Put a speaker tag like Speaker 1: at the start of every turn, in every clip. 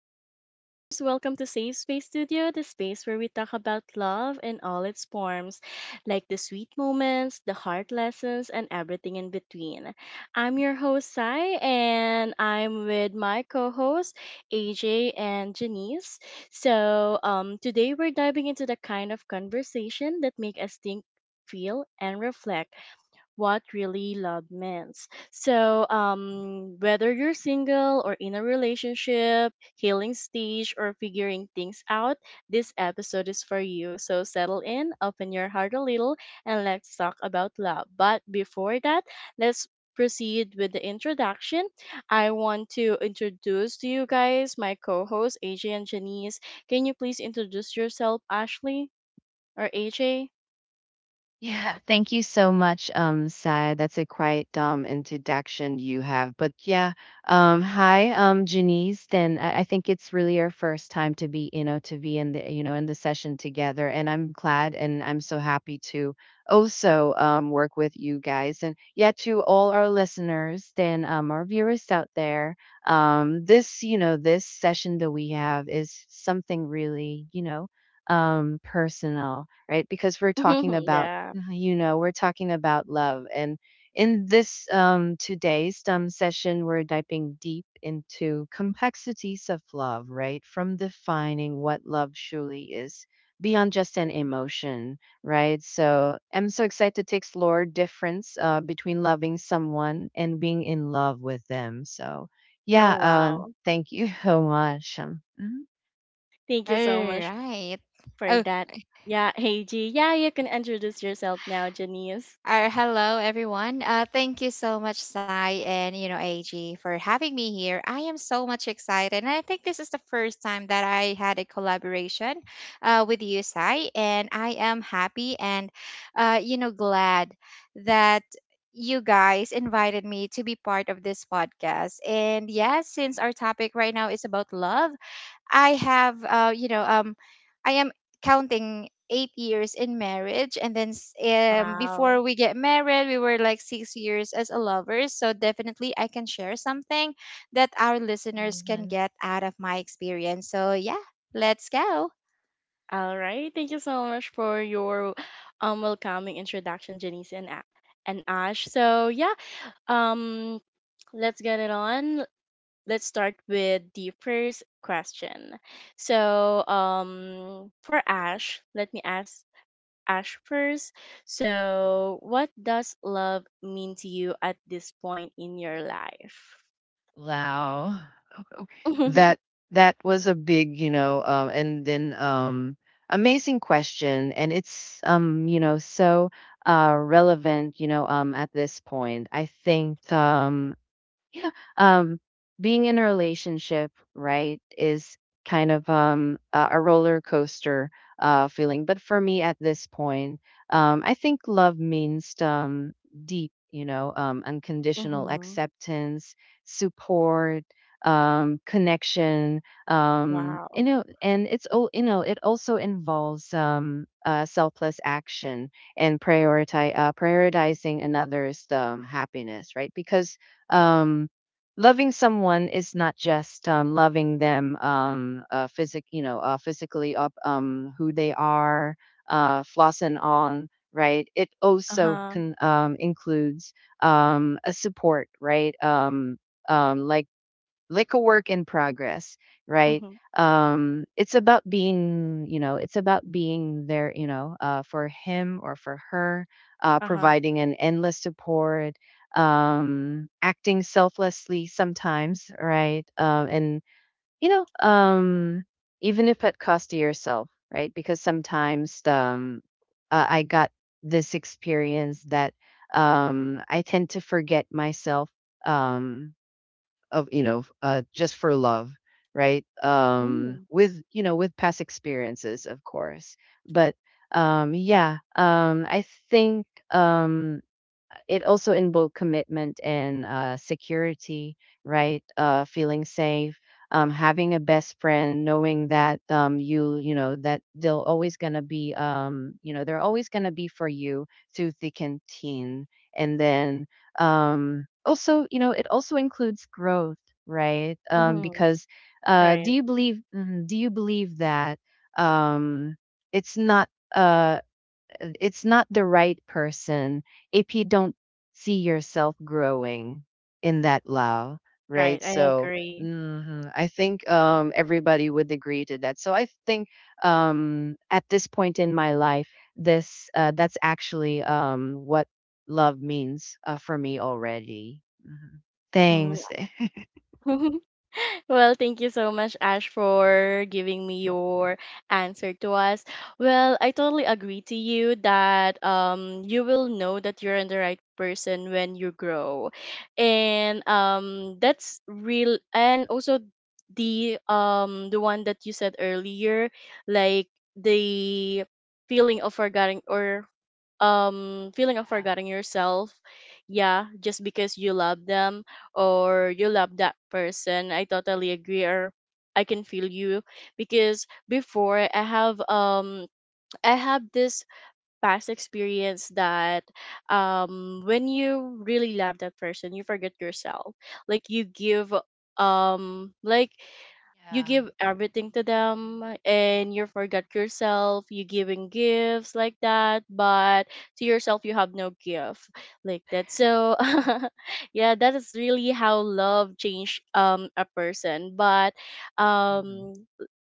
Speaker 1: to our listeners. Welcome to Safe Space Studio, the space where we talk about love in all its forms, like the sweet moments, the hard lessons, and everything in between. I'm your host, Sai, and I'm with my co hosts, AJ and Janice. So, today we're diving into the kind of conversation that make us think, feel, and reflect what really love means. So, whether you're single or in a relationship, healing stage, or figuring things out, this episode is for you. So, settle in, open your heart a little, and let's talk about love. But before that, let's proceed with the introduction. I want to introduce to you guys my co hosts, AJ and Janice. Can you please introduce yourself, Ashley or AJ?
Speaker 2: Yeah, thank you so much, Sai. That's a quite introduction you have. But yeah, hi, Janice. Then I think it's really our first time to be in the session together, and I'm glad and I'm so happy to also work with you guys. And yeah, to all our listeners, then our viewers out there, this session that we have is something really, personal, right? Because we're talking about
Speaker 1: Yeah.
Speaker 2: You know, we're talking about love. And in this today's session, we're diving deep into complexities of love, right? From defining what love truly is beyond just an emotion, right? So I'm so excited to explore difference between loving someone and being in love with them. So
Speaker 1: Oh,
Speaker 2: yeah,
Speaker 1: wow.
Speaker 2: thank you so much. Mhm.
Speaker 1: Thank
Speaker 3: All
Speaker 1: you so much
Speaker 3: right.
Speaker 1: for
Speaker 3: Oh,
Speaker 1: that. Yeah, hey G. Yeah, you can introduce yourself now, Janice.
Speaker 3: Hello everyone. Thank you so much, Sai, and you know AG for having me here. I am so much excited, and I think this is the first time that I had a collaboration with you, Sai, and I am happy and glad that you guys invited me to be part of this podcast. And yes, since our topic right now is about love, I have, I am counting 8 years in marriage, and then
Speaker 1: Wow.
Speaker 3: before we get married, we were like 6 years as a lovers. So definitely, I can share something that our listeners can
Speaker 2: Anyone?
Speaker 3: get out of my experience. So yeah, let's go.
Speaker 1: All right. Thank you so much for your welcoming introduction, Janice and Ash. So yeah, um, let's get it on. Let's start with the first question. So for Ash, let me ask Ash first. So, what does love mean to you at this point in your life?
Speaker 2: Wow. that that was a big, and then amazing question, and it's so relevant, at this point, I think. Yeah. Um, Being in a relationship, right, is kind of a roller coaster feeling. But for me at this point, I think love means deep, unconditional
Speaker 1: Mm-hmm.
Speaker 2: acceptance, support, connection,
Speaker 1: Wow.
Speaker 2: and it's all, you know, it also involves selfless action, and prioritize, prioritizing another's happiness, right? Because um, loving someone is not just loving them physic, physically up who they are, floss and on, right? It also
Speaker 1: Uh-huh.
Speaker 2: can includes a support, right? Um, like like a work in progress, right?
Speaker 1: Mm-hmm.
Speaker 2: It's about being, you know, it's about being there, you know, for him or for her,
Speaker 1: Uh-huh.
Speaker 2: providing an endless support, acting selflessly sometimes, right? You know, um, Even if at cost to yourself, right? Because sometimes I got this experience that I tend to forget myself. Um, of, you know, just for love, right,
Speaker 1: Mm.
Speaker 2: with you know with past experiences, of course. But yeah I think it also involved commitment and security, right? Feeling safe, having a best friend, knowing that that they'll always gonna be, they're always gonna be for you through thick and thin. And then also, it also includes growth, right?
Speaker 1: Hmm. uh huh mm. Hmm.
Speaker 2: Because do
Speaker 1: Right.
Speaker 2: you believe? Do you believe that um, it's not? Uh, it's not the right person if you don't see yourself growing in that love, right?
Speaker 1: Right. I
Speaker 2: So
Speaker 1: agree.
Speaker 2: mhm, I think everybody would agree to that. So I think at this point in my life, this that's actually what love means for me already. Mhm.
Speaker 1: Mm.
Speaker 2: Thanks.
Speaker 1: Well, thank you so much, Ash, for giving me your answer to us. Well, I totally agree to you that you will know that you're the right person when you grow. And that's real, and also the one that you said earlier, like the feeling of forgetting, or feeling of
Speaker 2: Yeah,
Speaker 1: forgetting yourself, yeah, just because you love them or you love that person, I totally agree, or I can feel you because before I have I have this past experience that when you really love that person, you forget yourself, like you give like you
Speaker 2: yeah.
Speaker 1: give everything to them, and you forget yourself, you giving gifts like that, but to yourself you have no gift like that, so yeah, that is really how love changed a person. But
Speaker 2: Mm-hmm.
Speaker 1: um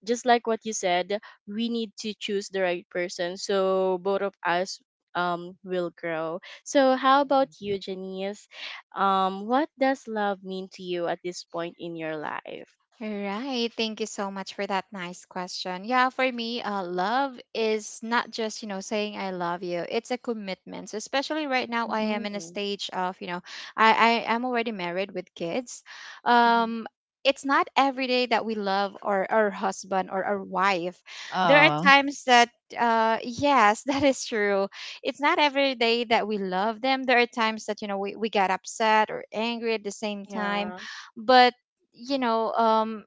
Speaker 1: just like what you said, we need to choose the right person, so both of us will grow. So how about you, Janice? What does love mean to you at this point in your life?
Speaker 3: All right. Thank you so much for that nice question. Yeah, for me, love is not just, you know, saying I love you. It's a commitment. So especially right now, I am in a
Speaker 1: Mm-hmm.
Speaker 3: stage of, you know, I am already married with kids.
Speaker 1: Mhm.
Speaker 3: Um, it's not every day that we love our husband or our wife. There are
Speaker 2: Oh.
Speaker 3: times that, yes, that is true. It's not every day that we love them. There are times that, you know, we get upset or angry at the same time.
Speaker 1: Yeah.
Speaker 3: But you know um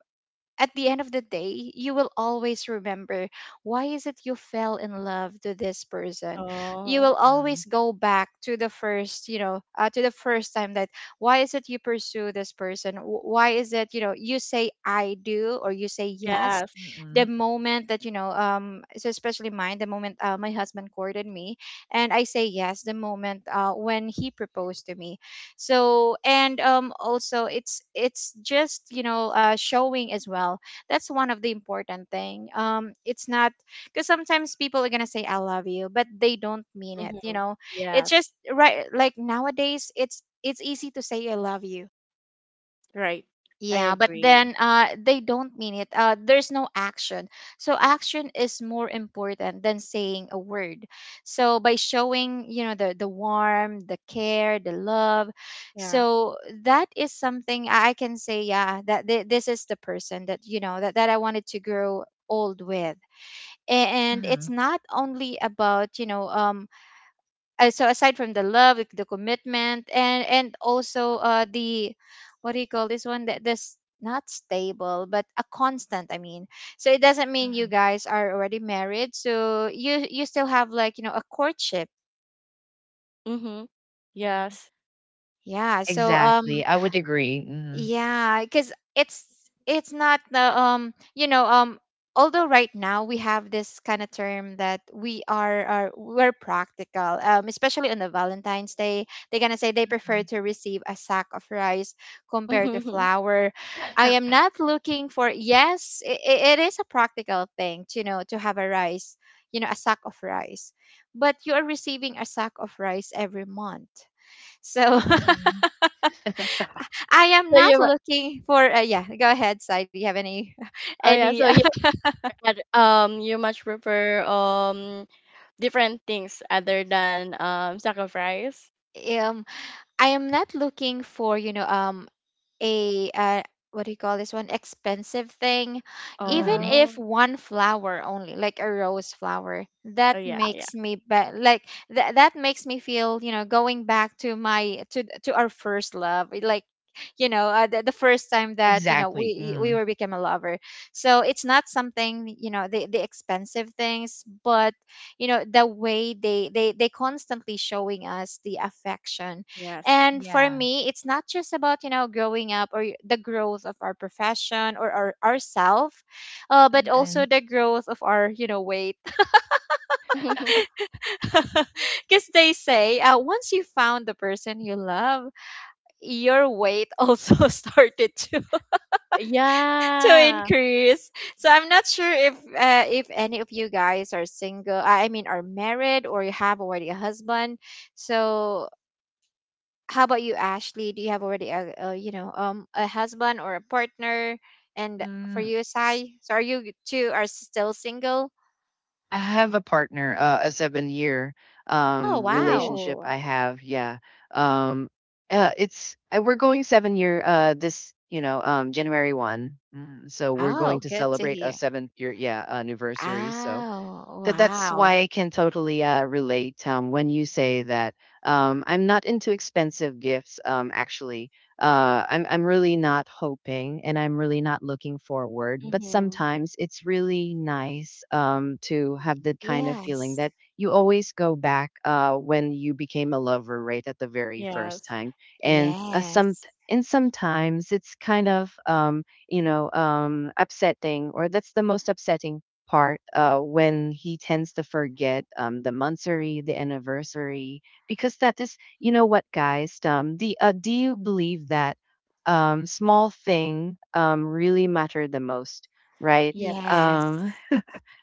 Speaker 3: at the end of the day, you will always remember why is it you fell in love to this person. You
Speaker 1: Oh,
Speaker 3: will
Speaker 2: Mm-hmm.
Speaker 3: always go back to the first, to the first time that why is it you pursue this person? Why is it you know you say I do or you say yes?
Speaker 1: yes.
Speaker 2: Mm-hmm.
Speaker 3: The moment that you know, so especially mine, the moment my husband courted me, and I say yes, the moment when he proposed to me, so and also it's just you know showing as well, that's one of the important thing, it's not because sometimes people are gonna say I love you, but they don't mean it, you
Speaker 1: Mm-hmm.
Speaker 3: know. It's
Speaker 1: Yes.
Speaker 3: just right, like nowadays it's easy to say I love you,
Speaker 1: Right. I
Speaker 3: yeah, but
Speaker 1: agree.
Speaker 3: then they don't mean it. There's no action. So action is more important than saying a word. So by showing, you know, the warmth, the care, the love,
Speaker 1: Yeah.
Speaker 3: so that is something I can say. Yeah, this is the person that you know that I wanted to grow old with. And it's not only about you know so aside from the love, like the commitment, and also the what do you call this one, that this not stable but a constant, I mean, so it doesn't mean you guys are already married, so you still have like you know a courtship,
Speaker 1: Mm-hmm.
Speaker 2: Mm-hmm.
Speaker 1: Yes.
Speaker 3: yeah, so um.
Speaker 2: Exactly, I would agree, mhm.
Speaker 3: Yeah, because it's not the you know um, although right now we have this kind of term that we are, we're practical especially on the Valentine's Day, they're gonna say they prefer
Speaker 2: Mm.
Speaker 3: to receive a sack of rice compared to
Speaker 1: Mm-hmm.
Speaker 3: flour. I am not looking for yes I it is a practical thing to you know to have a rice, you know, a sack of rice, but you are receiving a sack of rice every month, so.
Speaker 2: Mm.
Speaker 3: I am
Speaker 1: So
Speaker 3: not
Speaker 1: you, mu-
Speaker 3: looking for yeah, go ahead, Sai. Do you have any
Speaker 1: oh yeah,
Speaker 3: any
Speaker 1: so you you much prefer different things other than sacrifice.
Speaker 3: um. I am not looking for, you know, um, a what do you call this one, expensive thing, even
Speaker 2: Mm.
Speaker 1: Oh.
Speaker 3: if one flower only, like a rose flower,
Speaker 1: Oh
Speaker 3: that
Speaker 1: yeah. Yeah.
Speaker 3: makes me like that makes me feel you know going back to my to our first love, eh, like, you know, the first time that you know
Speaker 2: Exactly,
Speaker 3: we
Speaker 2: mm.
Speaker 3: were became a lover, so it's not something you know the expensive things, but you know the way they constantly showing us the affection.
Speaker 1: Yes.
Speaker 3: And for
Speaker 2: Yeah,
Speaker 3: me, it's not just about, you know, growing up or the growth of our profession or our ourself, but also
Speaker 2: mm.
Speaker 3: the growth of our, you know, weight. Because they say once you found the person you love, your weight also started to to
Speaker 1: Yeah.
Speaker 3: increase. So I'm not sure if any of you guys are single. I mean, are married or you have already a husband. So how about you, Ashley? Do you have already a you know a husband or a partner? And for
Speaker 2: Mm,
Speaker 3: you, Sai, so are you two are still single?
Speaker 2: I have a partner, a seven-year,
Speaker 3: Oh wow!
Speaker 2: relationship
Speaker 1: Oh.
Speaker 2: I have, yeah, um, it's we're going seven-year, this, January 1, so we're
Speaker 3: Oh,
Speaker 2: going to
Speaker 3: good to
Speaker 2: celebrate a
Speaker 3: hear.
Speaker 2: seventh-year, yeah, anniversary, so
Speaker 3: Oh
Speaker 2: That's
Speaker 3: wow!
Speaker 2: why I can totally relate when you say that I'm not into expensive gifts. Actually, I'm really not hoping, and I'm really not looking forward. But
Speaker 1: Mm-hmm.
Speaker 2: sometimes it's really nice to have that kind of feeling
Speaker 3: Yes,
Speaker 2: that you always go back when you became a lover, right, at the very first
Speaker 1: Yes.
Speaker 2: time, and some.
Speaker 3: yes,
Speaker 2: And sometimes it's kind of, upsetting, or that's the most upsetting part when he tends to forget the monthsary, the anniversary, because that is, you know what, guys? The do you believe that small thing really matter the most, right?
Speaker 1: Yes.
Speaker 3: yes,
Speaker 2: Um,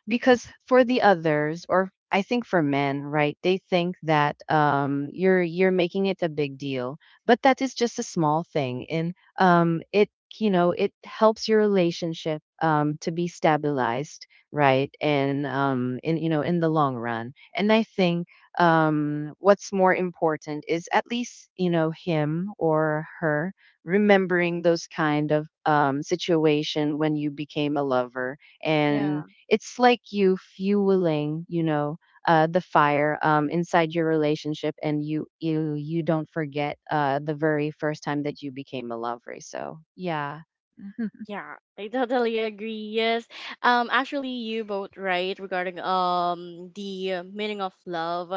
Speaker 2: because for the others, or I think for men, right, they think that you're making it a big deal, but that is just a small thing, and it it helps your relationship to be stabilized, right? And in you know in the long run. And I think what's more important is at least you know him or her remembering those kind of situation when you became a lover, and
Speaker 1: Yeah.
Speaker 2: it's like you fueling, the fire inside your relationship, and you don't forget the very first time that you became a lover, so yeah. Mhm.
Speaker 1: Yeah, I totally agree. Yes. Actually you both right regarding the meaning of love.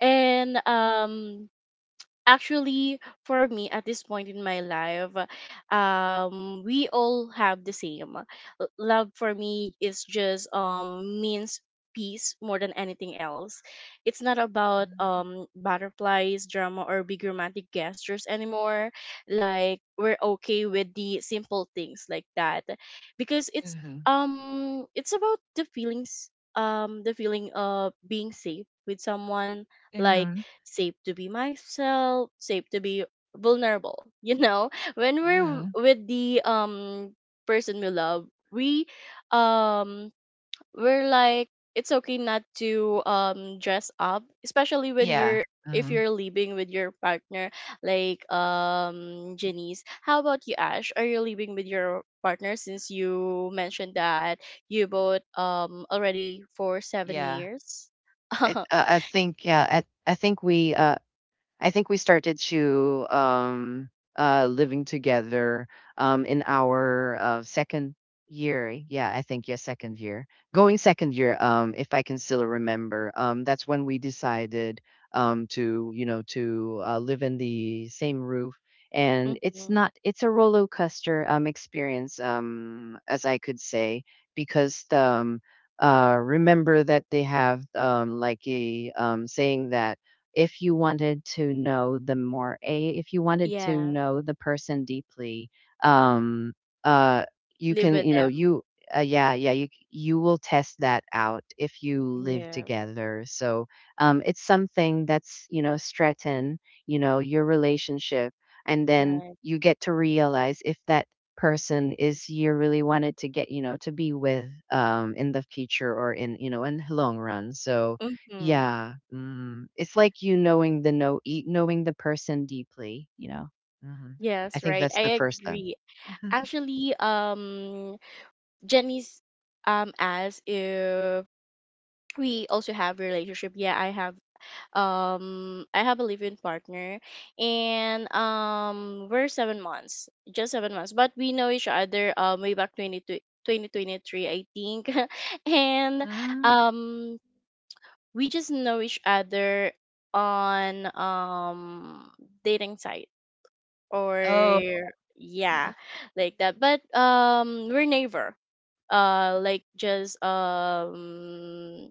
Speaker 1: And actually for me at this point in my life we all have the same love. For me is just means peace more than anything else. It's not about butterflies, drama, or big romantic gestures anymore, like we're okay with the simple things like that, because
Speaker 2: Mhm,
Speaker 1: it's about the feelings, the feeling of being safe with someone, like
Speaker 2: mhm,
Speaker 1: safe to be myself, safe to be vulnerable. You know, when we're
Speaker 2: mhm.
Speaker 1: with the person we love, we um we're like, it's okay not to dress up, especially when
Speaker 2: Yeah.
Speaker 1: you're, if
Speaker 2: Mhm,
Speaker 1: you're living with your partner, like Janice. How about you, Ash? Are you living with your partner, since you mentioned that you both already for seven
Speaker 2: yeah.
Speaker 1: years?
Speaker 2: I think yeah. I think we uh, I think we started to living together in our second year. Yeah, I think, yeah, second year. Going second year if I can still remember. That's when we decided to, you know, to live in the same roof, and it's
Speaker 1: Mm-hmm.
Speaker 2: not, it's a roller coaster experience, as I could say, because remember that they have like a saying that if you wanted to know them more, a if you wanted to
Speaker 1: Yeah.
Speaker 2: know the person deeply, um uh you
Speaker 1: Live
Speaker 2: can,
Speaker 1: with
Speaker 2: you know,
Speaker 1: them.
Speaker 2: you yeah you you will test that out if you live
Speaker 1: Yeah,
Speaker 2: together, so it's something that's you know, strengthen, you know, your relationship, and then
Speaker 1: right.
Speaker 2: you get to realize if that person is you really wanted to get, you know, to be with in the future, or, in you know, in the long run. So
Speaker 1: Mm-hmm.
Speaker 2: yeah, mm, it's like you knowing the know e knowing the person deeply, you know? Mhm. I
Speaker 1: Yes,
Speaker 2: think
Speaker 1: right.
Speaker 2: that's the
Speaker 1: I
Speaker 2: first step.
Speaker 1: agree.
Speaker 2: Mhm.
Speaker 1: Actually, Jenny's asked if we also have relationship. Yeah, I have a live-in partner, and we're 7 months, just 7 months. But we know each other way back 20, twenty twenty twenty-three, I think. And
Speaker 2: Mm.
Speaker 1: um we just know each other on dating site, or
Speaker 2: Oh,
Speaker 1: yeah, like that. But we're neighbor, like just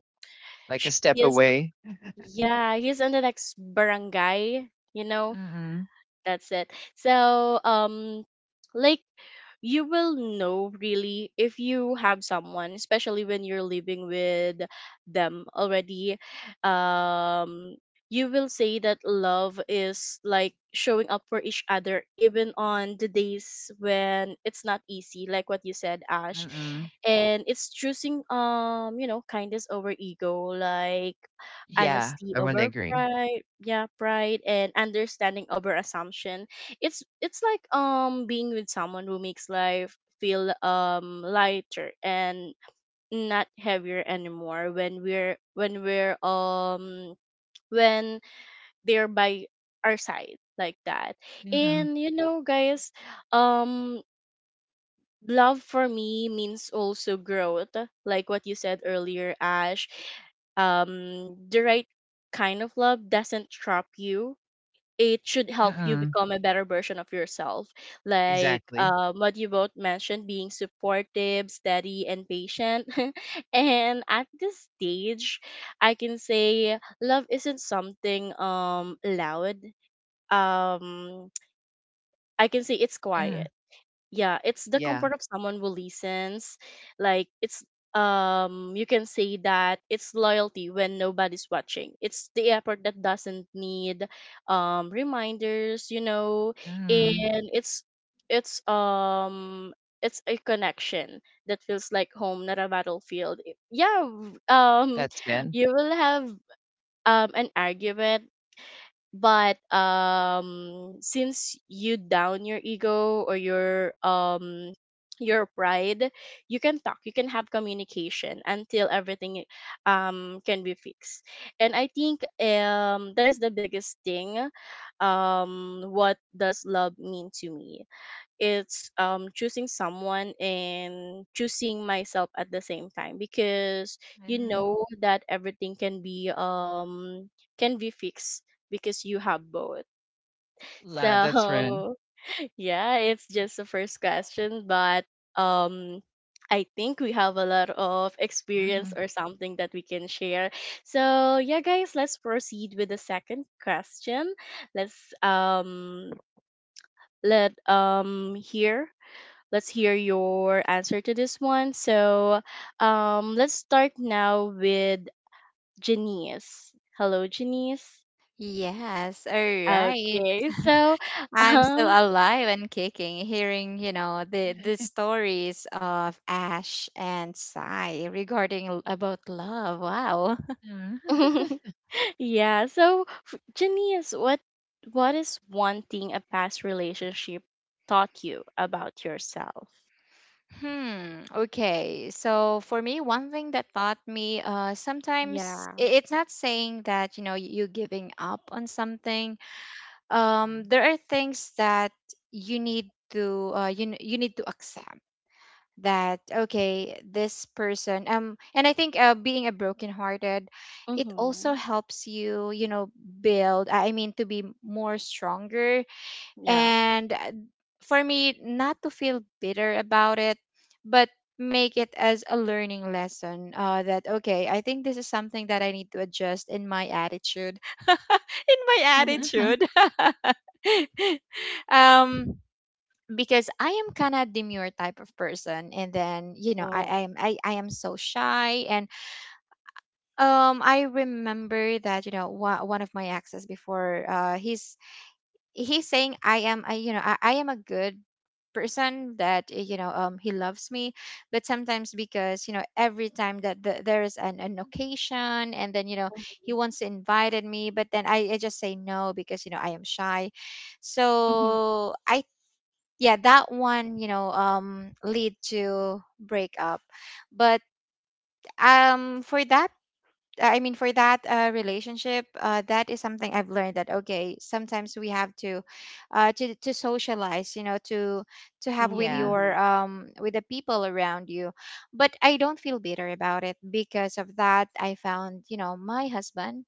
Speaker 2: like a
Speaker 1: he
Speaker 2: step
Speaker 1: is,
Speaker 2: away.
Speaker 1: yeah, he's in the next barangay, you know,
Speaker 2: Mm-mm,
Speaker 1: that's it. So like you will know really if you have someone, especially when you're living with them already. Um, you will say that love is like showing up for each other, even on the days when it's not easy, like what you said, Ash.
Speaker 2: mm-mm.
Speaker 1: And it's choosing, you know, kindness over ego, like
Speaker 2: Yeah,
Speaker 1: honesty
Speaker 2: I wouldn't
Speaker 1: over
Speaker 2: agree.
Speaker 1: pride, yeah, pride, and understanding over assumption. It's like being with someone who makes life feel lighter and not heavier anymore, when we're when they're by our side, like that.
Speaker 2: Mhm,
Speaker 1: And you know, guys, um love for me means also growth, like what you said earlier, Ash. The right kind of love doesn't trap you, it should help you
Speaker 2: mm-mm.
Speaker 1: become a better version of yourself. Like
Speaker 2: Exactly.
Speaker 1: what you both mentioned, being supportive, steady, and patient. And at this stage, I can say love isn't something loud. Um, I can say it's
Speaker 2: Yeah,
Speaker 1: quiet, yeah, it's the
Speaker 2: yeah.
Speaker 1: comfort of someone who listens, like it's you can say that it's loyalty when nobody's watching, it's the effort that doesn't need reminders, you know.
Speaker 2: Mhm.
Speaker 1: And it's um it's a connection that feels like home, not a battlefield. Yeah
Speaker 2: That's good.
Speaker 1: you will have an argument, but since you down your ego or your pride, you can talk, you can have communication until everything can be fixed. And I think that is the biggest thing. What does love mean to me? It's choosing someone and choosing myself at the same time, because you
Speaker 2: Mhm.
Speaker 1: know that everything can be fixed because you have both.
Speaker 2: La that's right.
Speaker 1: So yeah, it's just the first question, but um I think we have a lot of experience
Speaker 2: Mhm,
Speaker 1: or something that we can share. So yeah, guys, let's proceed with the second question. let's um let um hear Let's hear your answer to this one. So, let's start now with Janice. Hello, Janice.
Speaker 3: yes. All right.
Speaker 1: Okay, so,
Speaker 3: I'm still
Speaker 1: um,
Speaker 3: alive and kicking, hearing you know the stories of Ash and Sai regarding about love. Wow.
Speaker 2: mhm,
Speaker 1: yeah. So, Janice, what is one thing a past relationship taught you about yourself?
Speaker 3: Hmm. Okay. So for me, one thing that taught me, sometimes
Speaker 1: Yeah.
Speaker 3: it's not saying that you know you giving up on something. There are things that you need to you need to accept that okay this person um, and I think being a brokenhearted, it also
Speaker 1: Mhm.
Speaker 3: helps you you know build, I mean, to be more stronger,
Speaker 1: Yeah.
Speaker 3: and for me not to feel bitter about it, but make it as a learning lesson that okay, I think this is something that I need to adjust in my attitude in my
Speaker 1: Mhm.
Speaker 2: mhm.
Speaker 3: attitude um, because I am kind of demure type of person, and then you know
Speaker 1: Oh.
Speaker 3: I am so shy. And um, I remember that you know one of my exes before he's saying I am I you know I am a good person, that you know he loves me. But sometimes, because you know, every time that there is an occasion, and then you know he
Speaker 1: Mhm.
Speaker 3: wants to invited me, but then I just say no because you know I am shy,
Speaker 1: Mhm.
Speaker 3: so I, yeah, that one you know lead to breakup. But um, for that relationship, that is something I've learned, that okay, sometimes we have to, to socialize, you know, to have with
Speaker 2: Yeah,
Speaker 3: your
Speaker 1: Mm.
Speaker 3: with the people around you. But I don't feel bitter about it, because of that I found, you know, my husband,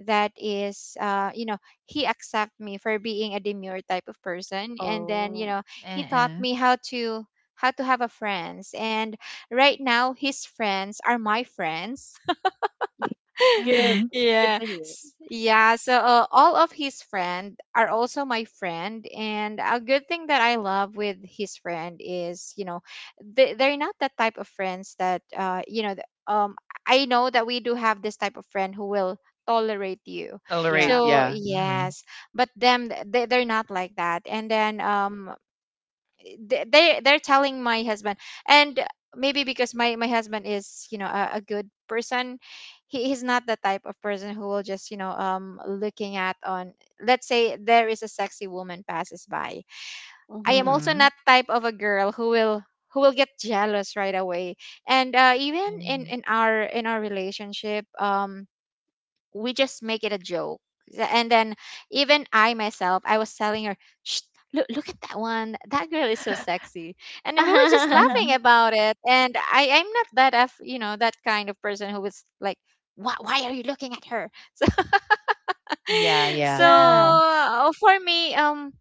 Speaker 3: that is, you know, he accept me for being a demure type of person, and then you
Speaker 1: Oh.
Speaker 3: know, he taught
Speaker 2: uh-uh,
Speaker 3: me how to have a friends, and right now his friends are my friends.
Speaker 1: Good.
Speaker 2: mhm.
Speaker 1: Good to hear.
Speaker 3: Yeah, so all of his friend are also my friend, and a good thing that I love with his friend is you know they're not that type of friends that I know that we do have this type of friend who will tolerate you,
Speaker 2: Tolerate,
Speaker 1: Yeah.
Speaker 3: so
Speaker 2: yeah. Mhm,
Speaker 3: yes. But they're not like that, and then they're telling my husband, and maybe because my husband is you know a good person, he's not the type of person who will just you know looking at on, let's say, there is a sexy woman passes by. I am
Speaker 1: Mhm.
Speaker 3: also
Speaker 2: mhm,
Speaker 3: not type of a girl who will get jealous right away, and even in
Speaker 2: mhm.
Speaker 3: our relationship um, we just make it a joke. And then, even I myself, I was telling her, shh, look, look at that one, that girl is so sexy. And we were just laughing
Speaker 2: Mhm.
Speaker 3: about it. And I'm not that, of, you know, that kind of person who was like, why are you looking at her? So,
Speaker 2: Yeah,
Speaker 3: so
Speaker 2: yeah.
Speaker 1: Yeah.
Speaker 2: Mhm.
Speaker 3: for me,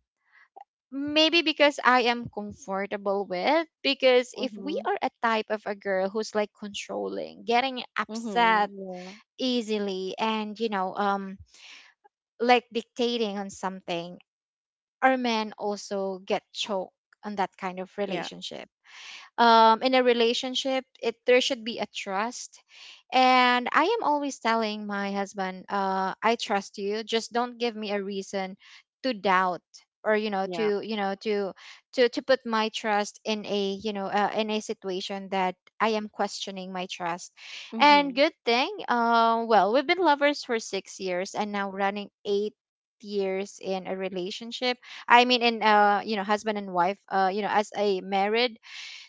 Speaker 3: maybe because I am comfortable with, because if we
Speaker 1: Mhm.
Speaker 3: are a type of a girl who's like controlling, getting upset
Speaker 1: Mhm. Yeah.
Speaker 3: easily, and you know like dictating on something, or men also get choked on that kind of
Speaker 1: Yeah.
Speaker 3: relationship. Um, in a relationship it there should be a trust, and I am always telling my husband, I trust you, just don't give me a reason to doubt, or
Speaker 1: Yeah.
Speaker 3: you know to put my trust in a you know in a situation that I am questioning my trust. And
Speaker 1: Mhm.
Speaker 3: good thing well, we've been lovers for 6 years, and now running 8 years in a relationship, I mean in you know husband and wife, you know as a married,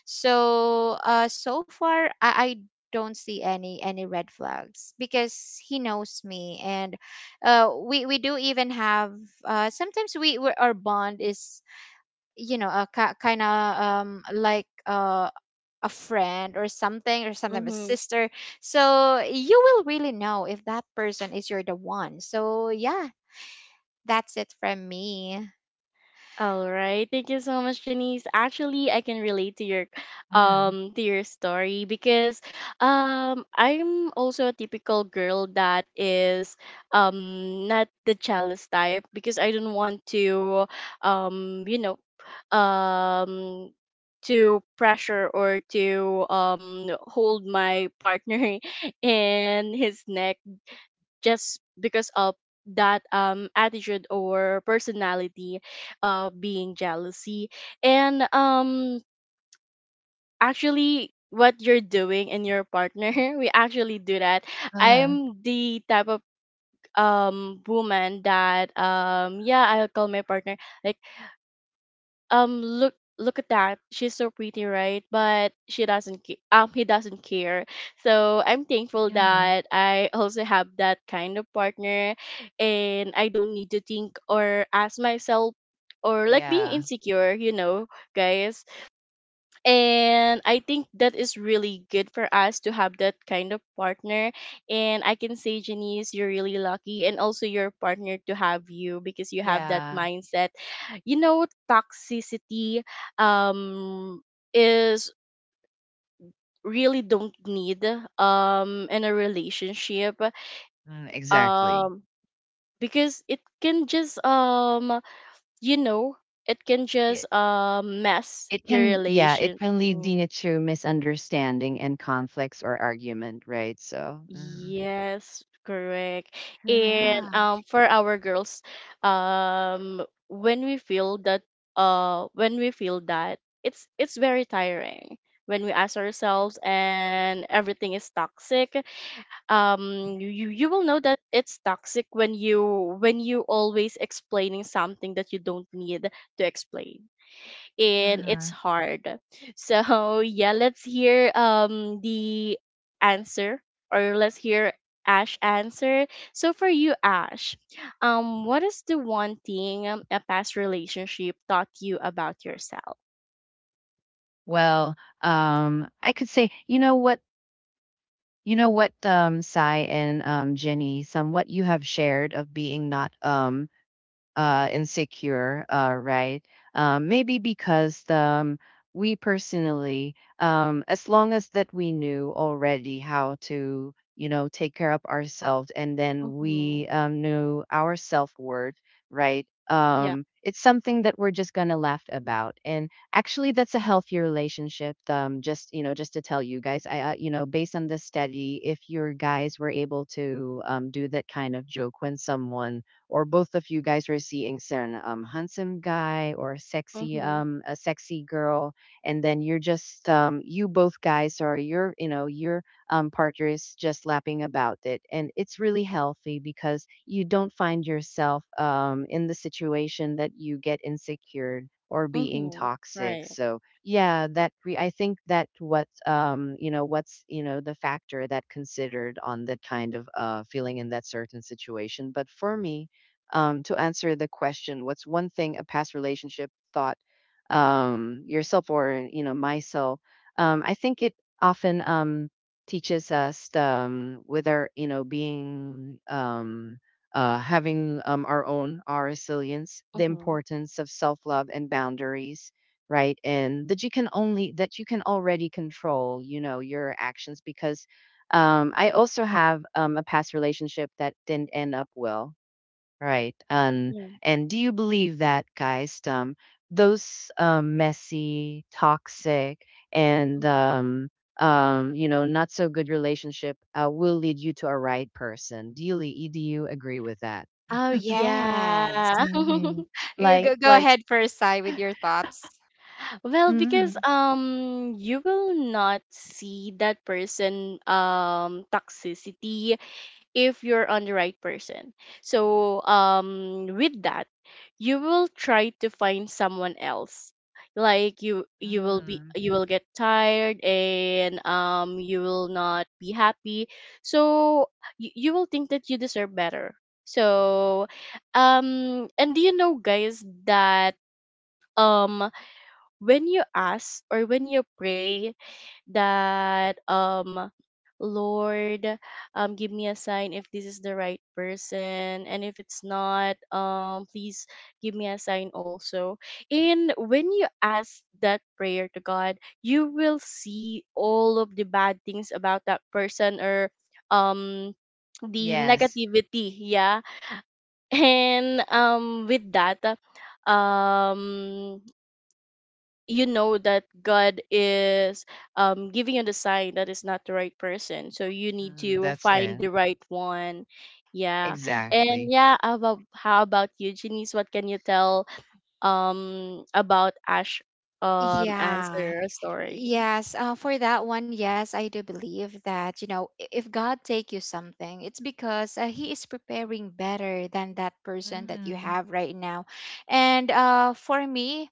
Speaker 3: so so far I don't see any red flags, because he knows me, and we do even have uh, sometimes we our bond is you know a ki kind of like a friend or something, or sometimes a
Speaker 1: Mhm.
Speaker 3: sister. So you will really know if that person is you're the one, so yeah, that's it from me.
Speaker 1: All right. Thank you so much, Janice. Actually, I can relate
Speaker 2: Mhm.
Speaker 1: to your story, because I'm also a typical girl that is not the jealous type, because I don't want to you know um to pressure or to hold my partner in his neck just because of that attitude or personality of being jealousy. And actually what you're doing in your partner we actually do that.
Speaker 2: Uh-huh. Mhm.
Speaker 1: I'm the type of woman that yeah, I'll call my partner like look, look at that, she's so pretty, right? But she doesn't he doesn't care. So I'm thankful
Speaker 2: Yeah.
Speaker 1: that I also have that kind of partner, and I don't need to think or ask myself, or like being
Speaker 2: Yeah.
Speaker 1: insecure, you know, guys. And I think that is really good for us to have that kind of partner. And I can say, Janice, you're really lucky, and also your partner to have you, because you have that
Speaker 2: Yeah,
Speaker 1: mindset. You know, toxicity um is really don't need in a relationship,
Speaker 2: mm, exactly.
Speaker 1: um because it can just you know, it can
Speaker 2: It
Speaker 1: just mess
Speaker 2: It
Speaker 1: your
Speaker 2: can, yeah, it
Speaker 1: relation.
Speaker 2: can lead
Speaker 1: Mm.
Speaker 2: you to misunderstanding and conflicts or argument, right? So, mhm.
Speaker 1: Yes, correct. And
Speaker 3: Yeah.
Speaker 1: for our girls, um when we feel that when we feel that it's very tiring, when we ask ourselves and everything is toxic. You will know that it's toxic when you always explaining something that you don't need to explain, and it's
Speaker 2: Mhm.
Speaker 1: hard. So yeah, let's hear the answer, or let's hear Ash answer. So for you, Ash, what is the one thing, a past relationship taught you about yourself?
Speaker 2: Well, I could say, you know what, Sai and Jenny, somewhat you have shared of being not insecure, right? Maybe because we personally, as long as that we knew already how to, you know, take care of ourselves, and then
Speaker 1: Mm-hmm.
Speaker 2: we knew our self worth, right?
Speaker 1: Yeah.
Speaker 2: It's something that we're just gonna laugh about, and actually, that's a healthy relationship. Just, you know, just to tell you guys, I, you know, based on this study, if your guys were able to do that kind of joke when someone or both of you guys are seeing some handsome guy or sexy
Speaker 1: Mm-hmm.
Speaker 2: a sexy girl, and then you're just you both guys, or your, you know, your partner is just laughing about it, and it's really healthy because you don't find yourself in the situation that you get insecure or being
Speaker 1: Mm-hmm.
Speaker 2: toxic.
Speaker 1: Right.
Speaker 2: So yeah, that re- I think that what, what's, you know, the factor that considered on that kind of feeling in that certain situation. But for me, to answer the question, what's one thing a past relationship thought yourself, or you know, myself, I think it often teaches us with our, you know, being having our own, our resilience, the
Speaker 1: Mm-hmm.
Speaker 2: importance of self-love and boundaries, right? And that you can only, that you can already control, you know, your actions. Because I also have a past relationship that didn't end up well. Right.
Speaker 1: Yeah.
Speaker 2: And do you believe that, guys, those messy, toxic, and you know, not so good relationship will lead you to a right person? Do you le- do you agree with that?
Speaker 1: Oh
Speaker 3: Yes.
Speaker 1: yeah.
Speaker 2: Hmm.
Speaker 3: You go
Speaker 2: Like,
Speaker 3: ahead first, Sai, with your thoughts.
Speaker 1: Well, because
Speaker 2: mm-hmm.
Speaker 1: you will not see that person toxicity if you're on the right person. So, with that, you will try to find someone else. Like you, will be,
Speaker 2: Hmm.
Speaker 1: you will get tired, and you will not be happy. So you will think that you deserve better. So, and do you know, guys, that um, when you ask or when you pray that Lord give me a sign if this is the right person, and if it's not, please give me a sign also. And when you ask that prayer to God, you will see all of the bad things about that person, or um the
Speaker 2: Yes,
Speaker 1: negativity, yeah. And with that um you know that God is giving you the sign that is not the right person. So you need
Speaker 2: mm,
Speaker 1: to
Speaker 2: that's
Speaker 1: find
Speaker 2: it.
Speaker 1: the right one. Yeah. And
Speaker 2: Exactly.
Speaker 1: yeah, how about you, Janice? What can you tell about Ash
Speaker 3: Yeah.
Speaker 1: answer story?
Speaker 3: Yes, for that one, yes, I do believe that, you know, if God take you something, it's because he is preparing better than that person that you
Speaker 2: Hmm.
Speaker 3: have right now. And for me,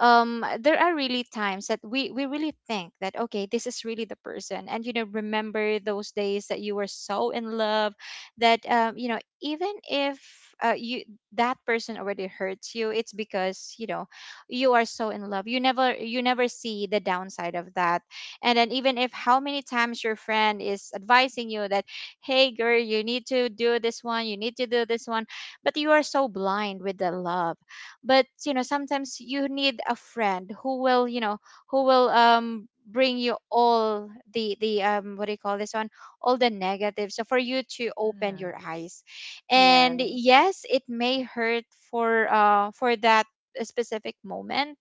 Speaker 3: there are really times that we really think that okay this is really the person, and you know, remember those days that you were so in love that you know, even if you that person already hurts you, it's because you know you are so in love, you never see the downside of that. And then even if how many times your friend is advising you that, "Hey girl, you need to do this one, you need to do this one," but you are so blind with the love. But you know sometimes you need a friend who will, you know, who will bring you all the what do you call this one, all the negatives, so for you to open
Speaker 2: Hmm.
Speaker 3: your eyes. And
Speaker 1: Yeah.
Speaker 3: yes, it may hurt for that specific moment.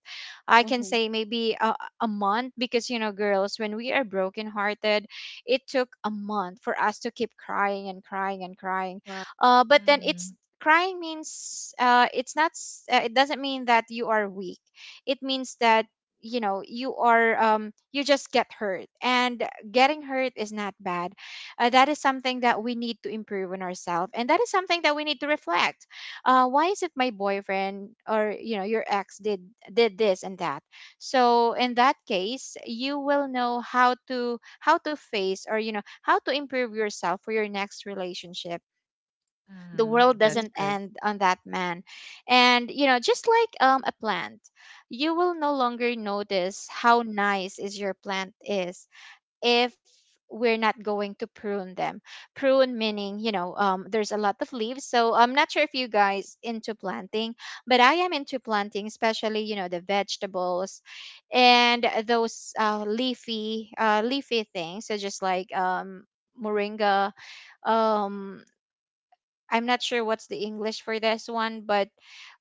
Speaker 3: I can
Speaker 1: Mm-hmm.
Speaker 3: say maybe a month, because you know girls, when we are brokenhearted, it took a month for us to keep crying and crying and crying.
Speaker 1: Right.
Speaker 3: But then it's,
Speaker 2: Hmm.
Speaker 3: crying means, it's not s- it doesn't mean that you are weak. It means that you know you are you just get hurt, and getting hurt is not bad. Uh, that is something that we need to improve in ourselves, and that is something that we need to reflect. Uh, why is it my boyfriend, or you know, your ex did this and that. So in that case you will know how to face, or you know, how to improve yourself for your next relationship. The
Speaker 2: Hmm.
Speaker 3: world
Speaker 2: That's
Speaker 3: doesn't
Speaker 2: good.
Speaker 3: end on that man. And you know, just like a plant, you will no longer notice how nice is your plant is if we're not going to prune them. Prune meaning, you know, there's a lot of leaves. So I'm not sure if you guys into planting, but I am into planting, especially you know the vegetables and those leafy, leafy things. So just like moringa, um I'm not sure what's the English for this one, but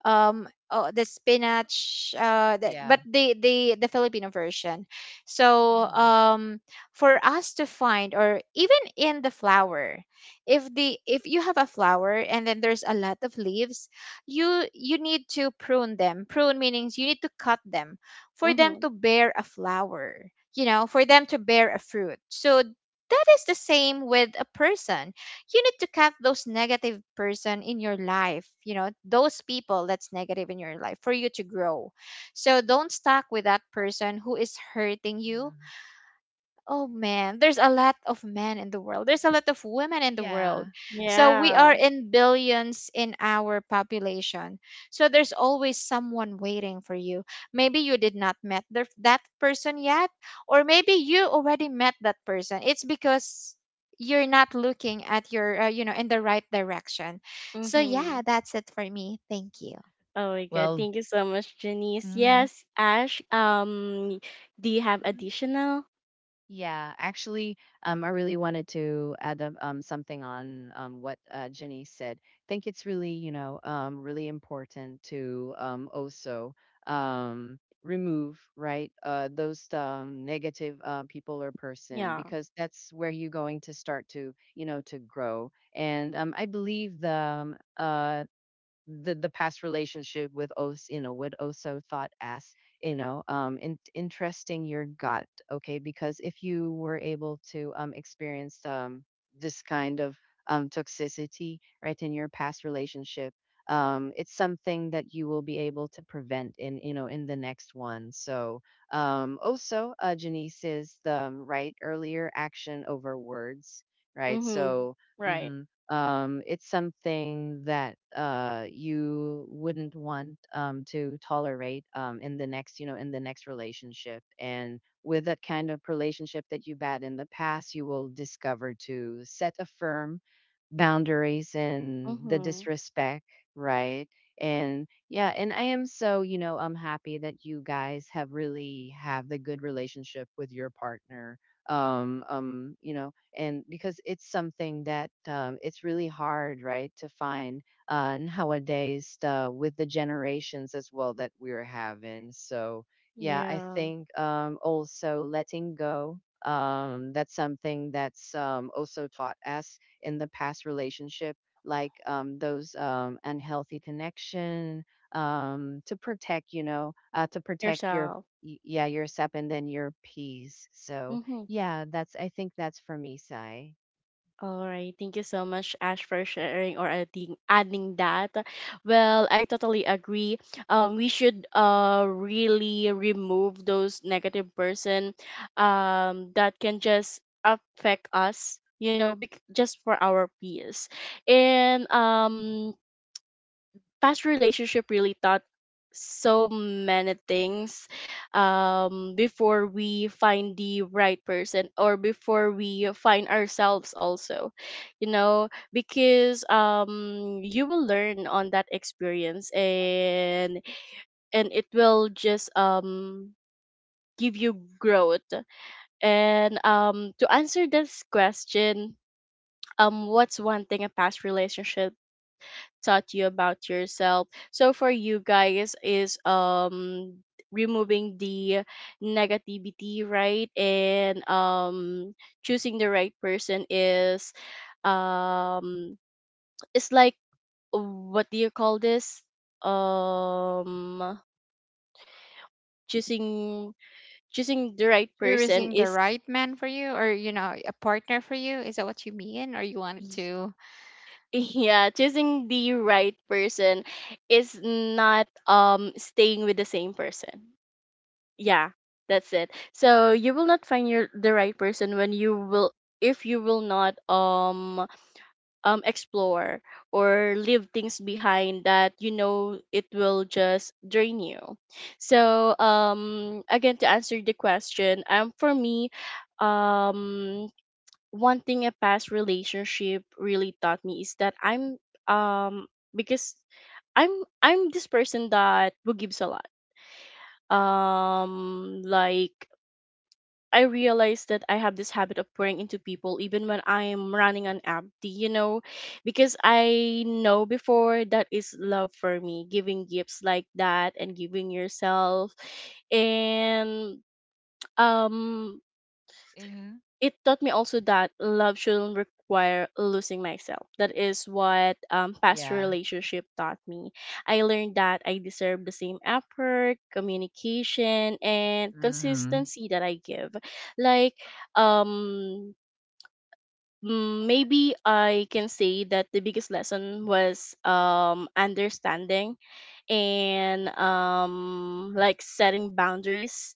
Speaker 3: oh, the spinach, that,
Speaker 2: Yeah.
Speaker 3: but the the Filipino version. So
Speaker 2: Mhm.
Speaker 3: for us to find, or even in the flower, if the if you have a flower and then there's a lot of leaves, you need to prune them. Prune meanings you need to cut them for them
Speaker 1: Mm-hmm.
Speaker 3: to bear a flower. You know, for them to bear a fruit. So that is the same with a person. You need to cut those negative person in your life, you know, those people that's negative in your life for you to grow. So don't stuck with that person who is hurting you.
Speaker 2: Mhm.
Speaker 3: Oh man, there's a lot of men in the world. There's a lot of women in the world.
Speaker 2: Yeah.
Speaker 3: So we are
Speaker 1: Yeah.
Speaker 3: in billions in our population. So there's always someone waiting for you. Maybe you did not met that person yet, or maybe you already met that person. It's because you're not looking at your, you know, in the right direction. So yeah,
Speaker 1: Mm-hmm.
Speaker 3: that's it for me. Thank you.
Speaker 1: Oh my God.
Speaker 2: Well.
Speaker 1: Thank you so much, Janice.
Speaker 2: Hmm.
Speaker 1: Yes, Ash, do you have
Speaker 2: Hmm.
Speaker 1: additional?
Speaker 2: Yeah, actually, I really wanted to add up, something on what Jenny said. I think it's really, you know, really important to also um, remove, right, those negative people or person,
Speaker 1: Yeah.
Speaker 2: because that's where you're going to start to, you know, to grow. And I believe the the past relationship with Os, you know, what Oso thought as, you know, in, interesting your gut, okay, because if you were able to experience this kind of toxicity, right, in your past relationship, it's something that you will be able to prevent in, you know, in the next one. So also Janice is the right earlier, action over words, right?
Speaker 1: Mm-hmm.
Speaker 2: So.
Speaker 1: Right.
Speaker 2: Mhm. It's something that you wouldn't want to tolerate in the next relationship. And with that kind of relationship that you've had in the past, you will discover to set a firm boundaries and the
Speaker 1: Mm-hmm.
Speaker 2: disrespect, right? And yeah, and I am so, I'm happy that you guys have really have the good relationship with your partner. Um, um, you know, and because it's something that it's really hard, right, to find nowadays with the generations as well that we're having. So, yeah, I
Speaker 1: Yeah.
Speaker 2: think also letting go. That's something that's also taught us in the
Speaker 3: All
Speaker 2: past
Speaker 3: right.
Speaker 2: relationship, like those unhealthy connection, to protect your
Speaker 1: Yourself.
Speaker 2: yeah, yourself and then your peace. So
Speaker 1: Mm-hmm.
Speaker 2: yeah, that's I think that's for me, Sai.
Speaker 1: All right. Thank you so much, Ash, for sharing or adding that. Well, I totally agree. We should really remove those negative person that can just affect us, you know, just for our peace. And past relationship really taught so many things before we find the right person or before we find ourselves also, you know, because you will learn on that experience, and it will just give you growth. And to answer this question, what's one thing a past relationship taught you about yourself? So for you guys is removing the negativity, right? And choosing the right person is, um it's like, what do you call this? Um choosing choosing the right person
Speaker 3: Choosing the
Speaker 1: is
Speaker 3: right man for you, or you know, a partner for you. Is that what you mean, or you
Speaker 1: y-
Speaker 3: wanted to?
Speaker 1: yeah, choosing the right person is not staying with the same person, yeah, that's it. So you will not find your the right person when you will if you will not explore or leave things behind that, you know, it will just drain you. So again, to answer the question, for me, um one thing a past relationship really taught me is that I'm, um because i'm I'm this person that who gives a lot, like, I realized that I have this habit of pouring into people even when I am running on empty, you know, because I know before that is love for me, giving gifts like that and giving yourself. And um
Speaker 2: Mm-hmm.
Speaker 1: it taught me also that love shouldn't require losing myself. That is what, past
Speaker 2: Yeah.
Speaker 1: relationship taught me. I learned that I deserve the same effort, communication, and
Speaker 2: Mm-hmm.
Speaker 1: consistency that I give. Like, um, maybe I can say that the biggest lesson was understanding and like setting boundaries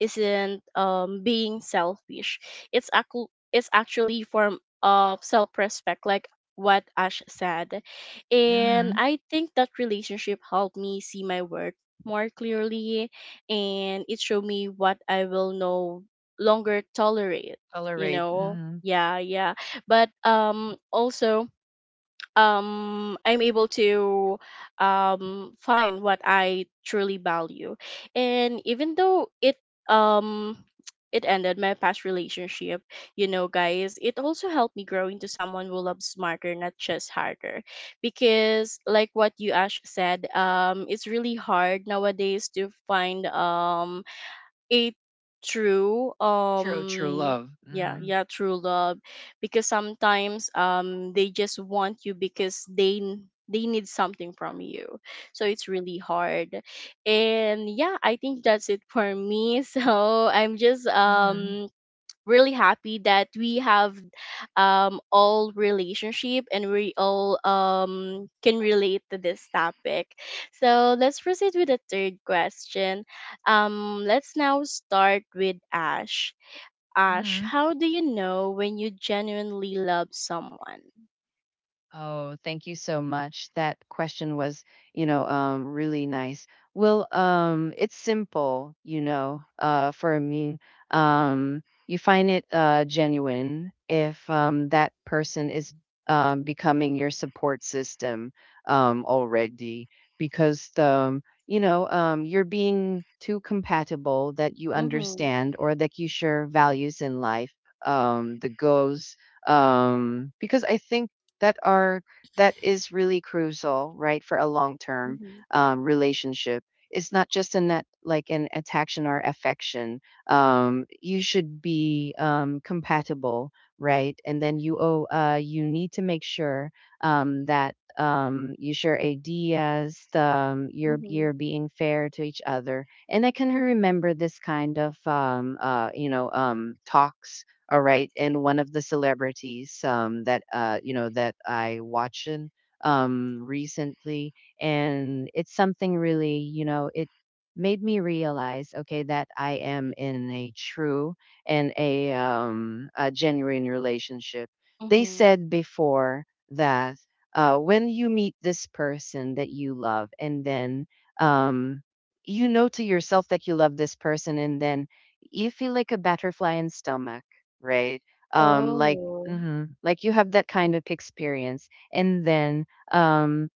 Speaker 1: isn't being selfish, it's actually form of self-respect, like what Ash said. And
Speaker 2: Mm-hmm.
Speaker 1: I think that relationship helped me see my worth more clearly, and it showed me what I will no longer tolerate, you
Speaker 2: Tolerate.
Speaker 1: know.
Speaker 2: Mm-hmm.
Speaker 1: Yeah, yeah. But also, I'm able to find what I truly value. And even though it um it ended my past relationship, you know, guys, it also helped me grow into someone who loves smarter, not just harder. Because like what you Ash said, it's really hard nowadays to find it' true
Speaker 2: True, true love.
Speaker 1: yeah,
Speaker 2: Mm-hmm.
Speaker 1: yeah, true love, because sometimes they just want you because they they need something from you, so it's really hard. And yeah, I think that's it for me. So I'm just
Speaker 2: Mm-hmm.
Speaker 1: really happy that we have all relationship and we all can relate to this topic. So let's proceed with the third question. Let's now start with Ash,
Speaker 2: Mm-hmm.
Speaker 1: how do you know when you genuinely love someone?
Speaker 2: Oh, thank you so much. That question was, really nice. Well, it's simple, for me. You find it genuine if that person is becoming your support system already, because you're being too compatible that you
Speaker 1: Mm-hmm.
Speaker 2: understand or that you share values in life, the goals. Because I think that are that is really crucial, right, for a long term
Speaker 1: Mm-hmm.
Speaker 2: relationship. It's not just in that like an attraction or affection. You should be compatible, right? And then you need to make sure that you share ideas. Um, you're
Speaker 1: Mm-hmm.
Speaker 2: you're being fair to each other. And I can remember this kind of talks, all right. And one of the celebrities that you know that I watching recently, and it's something really it made me realize okay that I am in a true and a genuine relationship. They
Speaker 1: Mm-hmm.
Speaker 2: said before that when you meet this person that you love, and then um, you know to yourself that you love this person, and then you feel like a butterfly in stomach, right? Um, like,
Speaker 1: Oh
Speaker 2: mhm, like you have that kind of experience, and then um,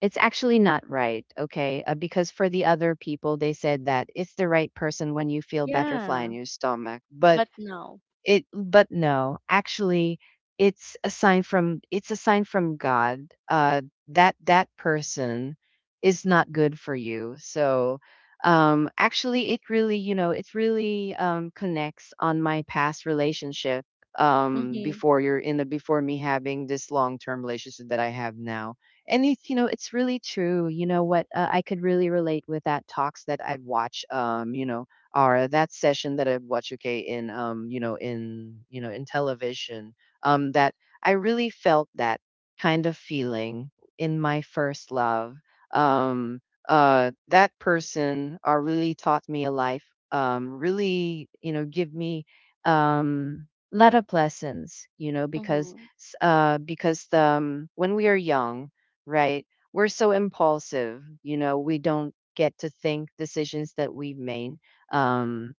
Speaker 2: it's actually not right, okay? Because for the other people, they said that it's the right person when you feel butterfly in
Speaker 1: yeah.
Speaker 2: your stomach, but
Speaker 1: But no.
Speaker 2: it but no, actually it's a sign from God that that person is not good for you. So actually it really connects on my past relationship,
Speaker 1: Mm-hmm.
Speaker 2: before you're in the before me having this long-term relationship that I have now. And it's really true. You know what? I could really relate with that talks that I've watched, or that session that I watch, okay, in you know, in you know, in television, that I really felt that kind of feeling in my first love. Um, that person really taught me a life. Really, give me um lot of lessons, because
Speaker 1: Mm-hmm.
Speaker 2: when we are young, right, we're so impulsive. We don't get to think decisions that we've made um,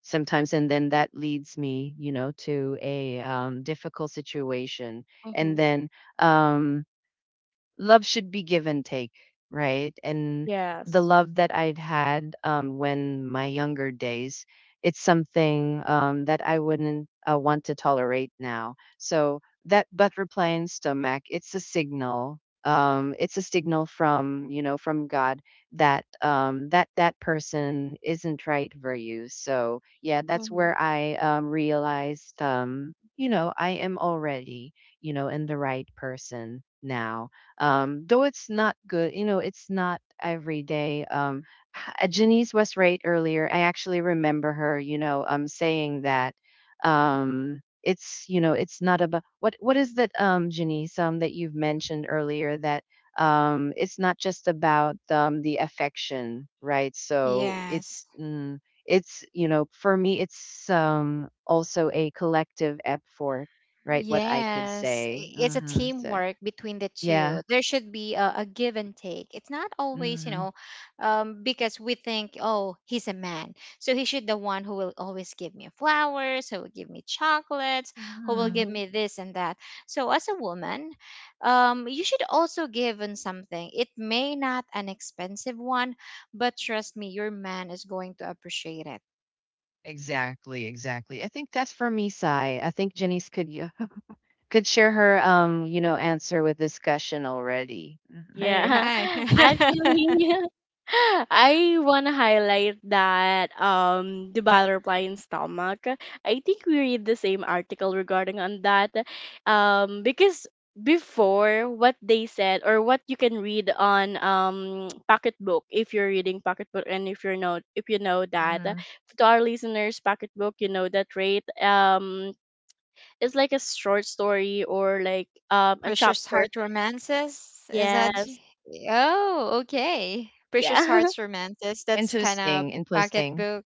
Speaker 2: sometimes, and then that leads me to a difficult situation. And
Speaker 1: Mm-hmm.
Speaker 2: then um, love should be give and take, right? And the
Speaker 1: Yes.
Speaker 2: love that I'd had when my younger days, it's something that I wouldn't want to tolerate now. So that butt reply in stomach, it's a signal. It's a signal from you know from God that that that person isn't right for you. So, yeah, that's
Speaker 1: Mm-hmm.
Speaker 2: where I realized, I am already in the right person now. Though it's not good, it's not every day. Janice was right earlier. I actually remember her, saying that it's not about what is that, Janice, that you've mentioned earlier that it's not just about the affection, right? So
Speaker 3: Yes.
Speaker 2: it's for me it's also a collective effort, right? What I could
Speaker 3: Yes.
Speaker 2: say.
Speaker 3: I- It's a
Speaker 2: Mhm. So,
Speaker 3: teamwork between the
Speaker 2: yeah.
Speaker 3: two. There should be a give and take. It's not always, you
Speaker 2: Mhm.
Speaker 3: know, because we think, oh, he's a man, so he should the one who will always give me flowers, who will give me chocolates, who will
Speaker 2: Mhm.
Speaker 3: give me this and that. So as a woman, you should also give in something. It may not an expensive one, but trust me, your man is going to appreciate it.
Speaker 2: Exactly, exactly. I think that's for me, side. I think Jenny's could share her answer with discussion already. Mhm.
Speaker 3: All
Speaker 1: Yeah,
Speaker 3: right.
Speaker 1: actually, I wanna highlight that the butterfly in stomach. I think we read the same article regarding on that, because before what they said or what you can read on pocketbook, if you're reading pocketbook, and if you know that,
Speaker 2: Mhm.
Speaker 1: to our listeners, pocketbook, you know that rate, it's like a short story or like a
Speaker 3: Precious
Speaker 1: chapter.
Speaker 3: Heart Romances? Is that?
Speaker 1: Yes.
Speaker 3: Oh, okay. Precious
Speaker 1: Yeah.
Speaker 3: Hearts Romances. That's kind of
Speaker 2: Interesting, interesting.
Speaker 3: pocketbook.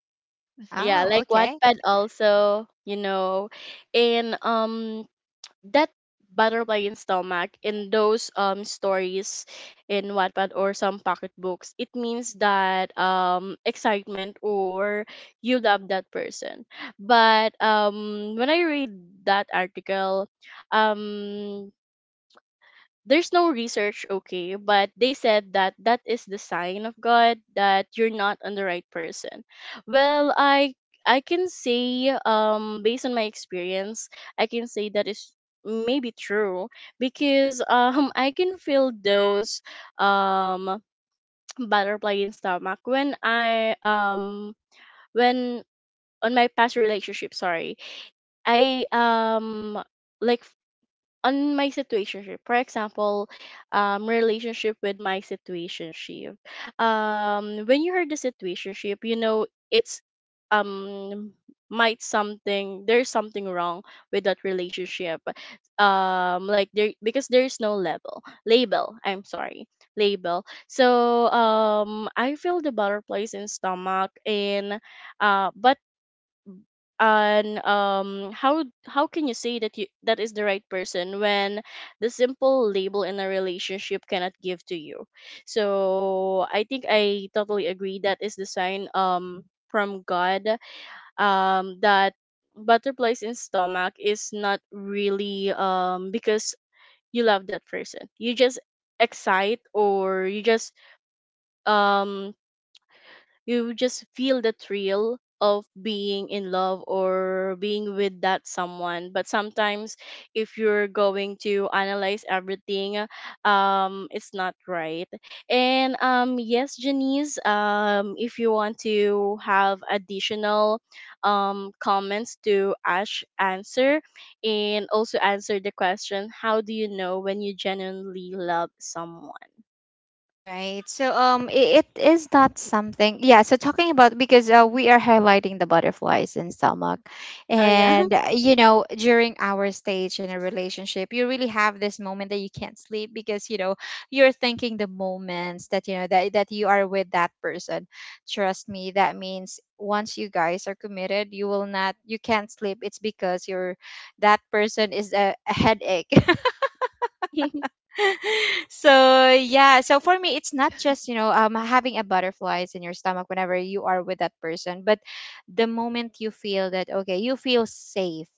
Speaker 1: Yeah,
Speaker 3: Oh,
Speaker 1: like
Speaker 3: okay.
Speaker 1: Wattpad also, you know, and that butterfly in stomach in those stories in Wattpad or some pocket books, it means that excitement, or you love that person. But when I read that article, um there's no research, okay, but they said that that is the sign of God that you're not on the right person. Well, I can say, based on my experience, I can say that is maybe true, because I can feel those um butterfly in stomach when I when on my past relationship. Sorry, I, like, on my situationship, for example. Relationship with my situationship. When you heard the situationship, you know, it's um might something, there's something wrong with that relationship. Like, there, because there's no level label, I'm sorry, label. So I feel the butterflies in stomach, and but and how can you say that you that is the right person when the simple label in a relationship cannot give to you? So I think I totally agree that is the sign from God, that butterflies in stomach is not really, because you love that person, you just excite, or you just, um you just feel the thrill of being in love or being with that someone. But sometimes, if you're going to analyze everything, it's not right. And yes, Janice, if you want to have additional comments to Ash answer, and also answer the question, how do you know when you genuinely love someone?
Speaker 3: Right. So I it is not something. Yeah, so talking about because we are highlighting the butterflies in stomach,
Speaker 1: Oh yeah.
Speaker 3: and you know during our stage in a relationship you really have this moment that you can't sleep because you know you're thinking the moments that you know that that you are with that person. Trust me, that means once you guys are committed, you will not you can't sleep. It's because you're that person is a headache. So yeah, so for me it's not just, you know, having a butterflies in your stomach whenever you are with that person, but the moment you feel that okay, you feel safe,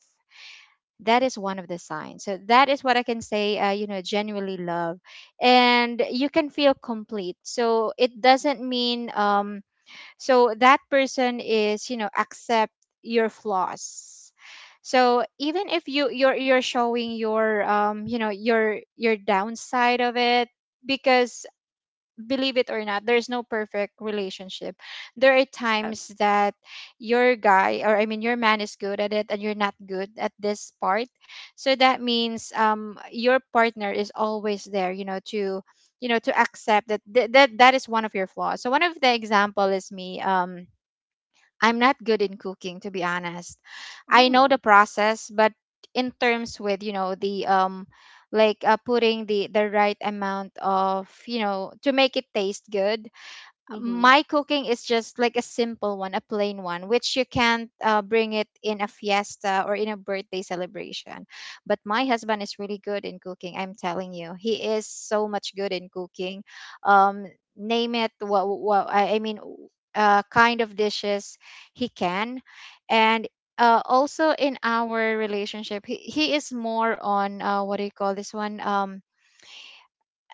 Speaker 3: that is one of the signs. So that is what I can say, you know, genuinely love. And you can feel complete, so it doesn't mean so that person is you know accept your flaws, so even if you're you're showing your you know your downside of it. Because believe it or not, there's no perfect relationship. There are
Speaker 1: Yeah.
Speaker 3: times that your guy, or I mean, your man is good at it and you're not good at this part. So that means your partner is always there, you know to accept that that is one of your flaws. So one of the example is me. I'm not good in cooking, to be honest. I know
Speaker 1: Mm-hmm.
Speaker 3: the process, but in terms with you know the putting the right amount of, you know, to make it taste good,
Speaker 1: Mm-hmm.
Speaker 3: my cooking is just like a simple one, a plain one, which you can't bring it in a fiesta or in a birthday celebration. But my husband is really good in cooking. I'm telling you, he is so much good in cooking. Um, name it, what I mean, kind of dishes he can, and also in our relationship, he is more on, what do you call this one? Um,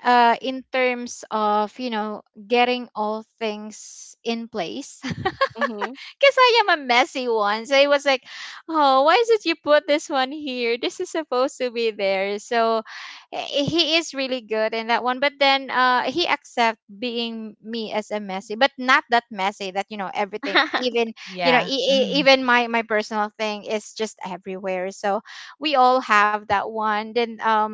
Speaker 3: uh, In terms of you know getting all things in place. Because I am a messy one, so it was like, oh why did you put this one here, this is supposed to be there. So he is really good in that one. But then he accept being me as a messy, but not that messy that you know everything, even you know
Speaker 2: Yeah. Mhm.
Speaker 3: even my my personal thing is just everywhere. So we all have that one. Then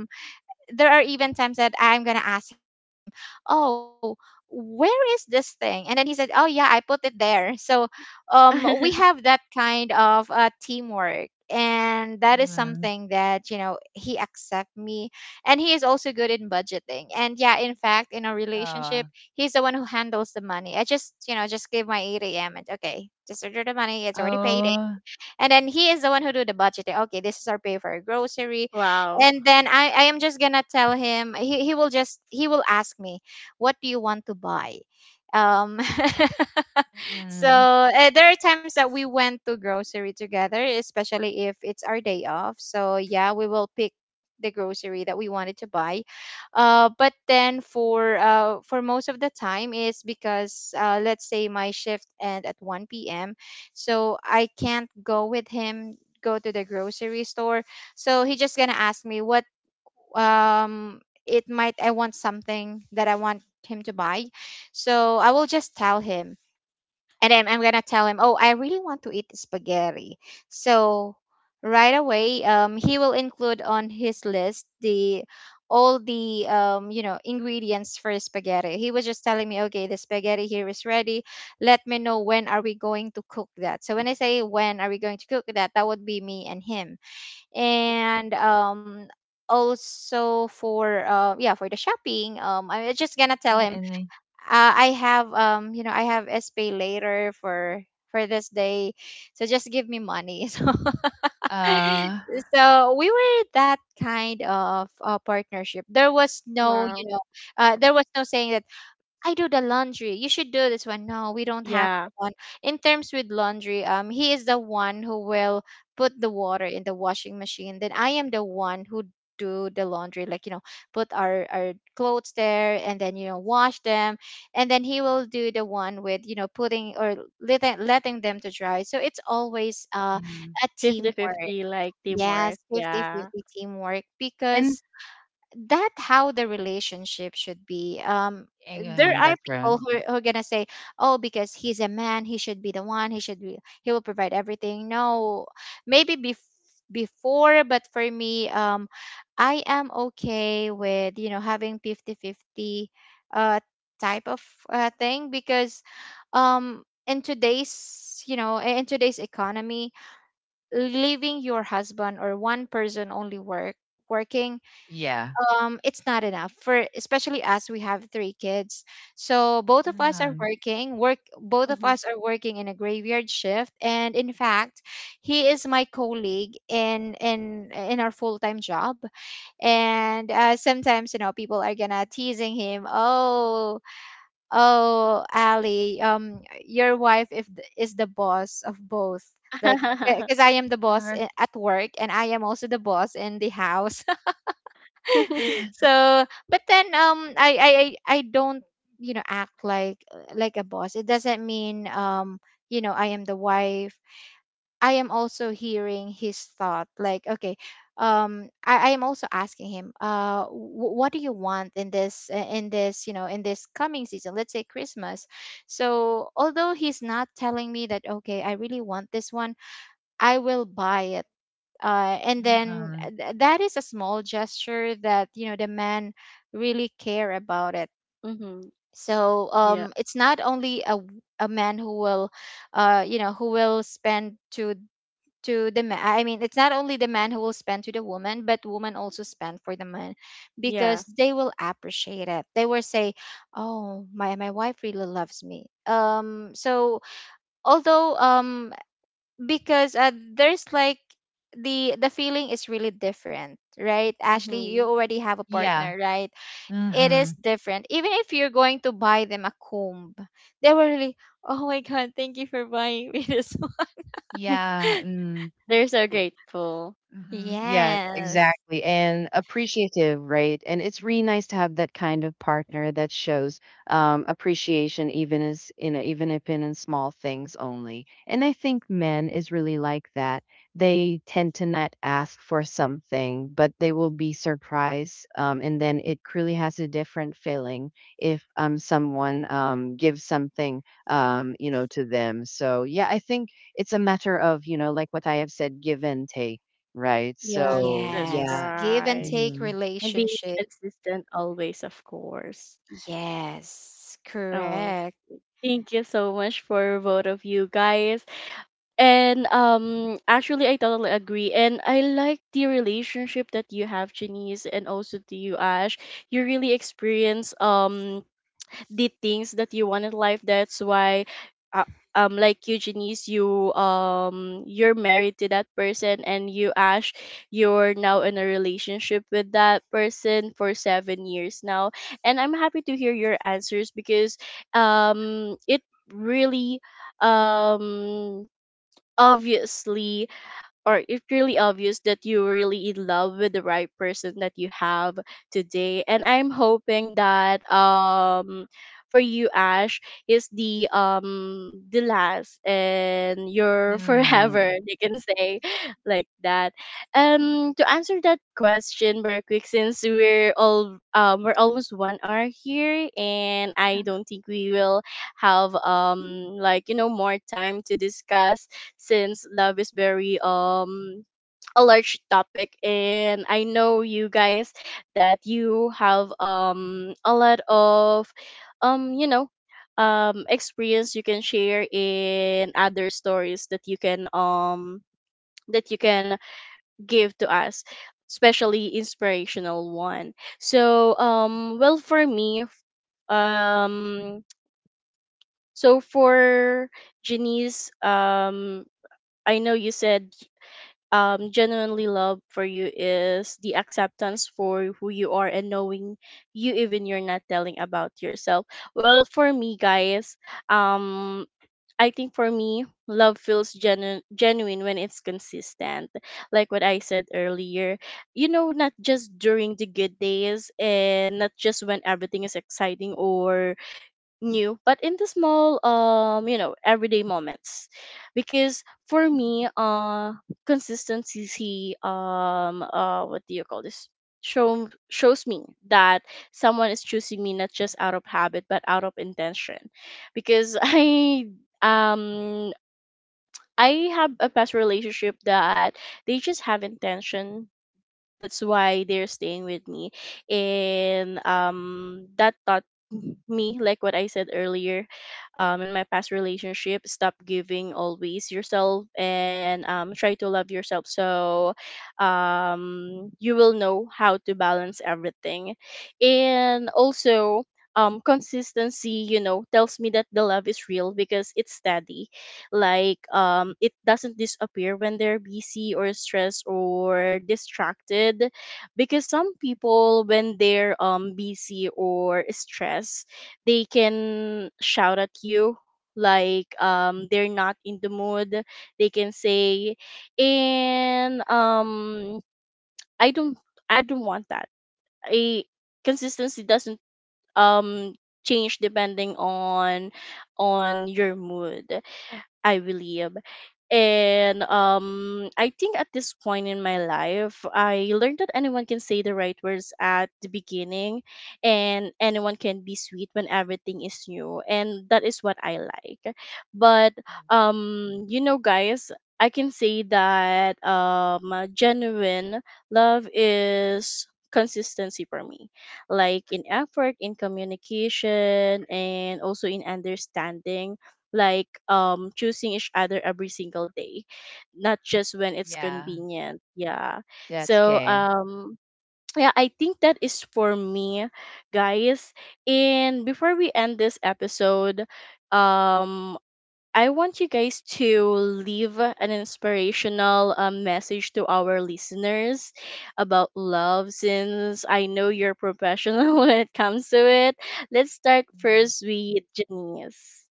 Speaker 3: there are even times that I'm gonna ask him, "Oh, where is this thing?" And then he said, "Oh yeah, I put it there." So, we have that kind of teamwork, and that is
Speaker 2: Mhm.
Speaker 3: something that you know he accept me, and he is also good in budgeting. And yeah, in fact, in a relationship,
Speaker 2: Uh,
Speaker 3: he's the one who handles the money. I just, you know, just give my 8 a.m. and okay, just order the money. It's already paid,
Speaker 2: oh.
Speaker 3: and then he is the one who do the budgeting, okay, this is our pay for our grocery.
Speaker 1: Wow.
Speaker 3: And then I am just gonna tell him, he will just he will ask me what do you want to buy. um so
Speaker 2: And
Speaker 3: there are times that we went to grocery together, especially if it's our day off, so yeah we will pick the grocery that we wanted to buy. But then for most of the time is because let's say my shift end at 1 p.m, so I can't go with him go to the grocery store. So he just gonna ask me what um it might I want something that I want him to buy. So I will just tell him, and then I'm gonna tell him, "Oh, I really want to eat spaghetti." So right away, he will include on his list the all the you know ingredients for spaghetti. He was just telling me, "Okay, the spaghetti here is ready. Let me know when are we going to cook that." So when I say when are we going to cook that, that would be me and him, and Also for yeah for the shopping, I'm just gonna tell him,
Speaker 2: and
Speaker 3: I have you know I have SPay later for this day, so just give me money. So
Speaker 2: uh.
Speaker 3: so we were that kind of partnership. There was no, you
Speaker 1: Wow.
Speaker 3: know, there was no saying that I do the laundry, you should do this one. No, we don't have
Speaker 1: Yeah.
Speaker 3: that one. In terms with laundry, he is the one who will put the water in the washing machine. Then I am the one who do the laundry, like, put our clothes there, and then wash them, and then he will do the one with putting or letting them to dry. So it's always
Speaker 2: Mm.
Speaker 3: a teamwork.
Speaker 1: Fifty-fifty like
Speaker 3: Yes,
Speaker 1: teamwork.
Speaker 3: fifty
Speaker 1: Yeah.
Speaker 3: fifty teamwork,
Speaker 2: And
Speaker 3: because that how the relationship should be. There
Speaker 2: and
Speaker 3: are
Speaker 2: that's right.
Speaker 3: people who are gonna say, oh, because he's a man, he should be the one, he should be he will provide everything. No, maybe before, but for me, I am okay with having 50 50 uh type of thing, because in today's economy, leaving your husband or one person only working,
Speaker 2: Yeah.
Speaker 3: it's not enough. For especially us, we have three kids, so
Speaker 2: Mhm.
Speaker 3: both of
Speaker 1: Mm-hmm.
Speaker 3: us are working in a graveyard shift, and in fact, he is my colleague in our full-time job. And sometimes people are gonna teasing him, oh, oh, Ali, your wife, if is the boss of both, like, because I am the boss,
Speaker 2: Or-
Speaker 3: at work, and I am also the boss in the house. So but then, I don't act like a boss. It doesn't mean, I am the wife. I am also hearing his thought, like, okay, I am also asking him, what do you want in this, in this coming season, let's say Christmas. So although he's not telling me that, okay, I really want this one, I will buy it.
Speaker 2: mhm.
Speaker 3: That is a small gesture that the men really care about it.
Speaker 1: Mm-hmm.
Speaker 3: So,
Speaker 1: Yeah.
Speaker 3: it's not only a man who will who will spend to the man. I mean, it's not only the man who will spend to the woman, but woman also spend for the man, because
Speaker 1: Yes.
Speaker 3: they will appreciate it, they will say, oh, my wife really loves me. So, although, because there's like, the feeling is really different, right, Ashley? You
Speaker 1: Mm-hmm.
Speaker 3: already have a
Speaker 2: Yeah.
Speaker 3: partner, right? It is
Speaker 2: Mhm.
Speaker 3: different. Even if you're going to buy them a comb, they were really, oh my god, thank you for buying me this one.
Speaker 2: Yeah. Mm.
Speaker 1: They're so grateful.
Speaker 2: Mhm. Yeah,
Speaker 3: Yes.
Speaker 2: exactly. And appreciative, right? And it's really nice to have that kind of partner that shows appreciation, even as you know, even if in small things only. And I think men is really like that. They tend to not ask for something, but they will be surprised, and then it really has a different feeling if someone gives something, to them. So, yeah, I think it's a matter of, like what I have said, give and take. Right,
Speaker 1: Yes,
Speaker 2: so
Speaker 1: that's
Speaker 3: Yes,
Speaker 2: yeah.
Speaker 3: give and
Speaker 1: right.
Speaker 3: take
Speaker 2: Mhm.
Speaker 1: And be
Speaker 3: relationship.
Speaker 1: consistent always, of course.
Speaker 3: Yes,
Speaker 1: Oh,
Speaker 3: correct.
Speaker 1: thank you so much for both of you guys. And actually, I totally agree, and I like the relationship that you have, Janice, and also to you, Ash. You really experience the things that you want in life. That's why, uh, like you, Janice, you, you're married to that person, and you, Ash, you're now in a relationship with that person for 7 years now. And I'm happy to hear your answers, because it really, um obviously, or it's really obvious that you're really in love with the right person that you have today. And I'm hoping that, for you, Ash, is the, the last and your forever,
Speaker 2: Mm,
Speaker 1: you can say, like that. To answer that question very quick, since we're all, we're almost 1 hour here, and I don't think we will have, like, you know, more time to discuss, since love is very, a large topic, and I know you guys that you have a lot of, you know, experience you can share in other stories that you can give to us, especially inspirational one. So well, for me, um so for Janice, I know you said, genuinely love for you is the acceptance for who you are, and knowing you even you're not telling about yourself. Well, for me, guys, um I think for me, love feels genuine when it's consistent. Like what I said earlier, you know, not just during the good days and not just when everything is exciting or new, but in the small, you know, everyday moments. Because for me, consistency, what do you call this, shows me that someone is choosing me, not just out of habit, but out of intention. Because um I have a past relationship that they just have intention, that's why they're staying with me. And that taught me, like what I said earlier, in my past relationship, stop giving always yourself, and try to love yourself, so you will know how to balance everything. And also, consistency, you know, tells me that the love is real because it's steady. Like, it doesn't disappear when they're busy or stressed or distracted. Because some people, when they're busy or stressed, they can shout at you, like, they're not in the mood, they can say. And i don't I don't want that. A consistency doesn't um change depending on your mood, I believe. And I think at this point in my life, I learned that anyone can say the right words at the beginning, and anyone can be sweet when everything is new, and that is what I like. But you know, guys, I can say that, genuine love is consistency for me, like in effort, in communication, and also in understanding, like, choosing each other every single day, not just when it's
Speaker 2: yeah.
Speaker 1: convenient. Yeah.
Speaker 2: That's
Speaker 1: So
Speaker 2: 'kay.
Speaker 1: yeah, I think that is for me, guys. And before we end this episode, um I want you guys to leave an inspirational, message to our listeners about love, since I know you're professional when it comes to it. Let's start
Speaker 2: Need
Speaker 1: first with Janice.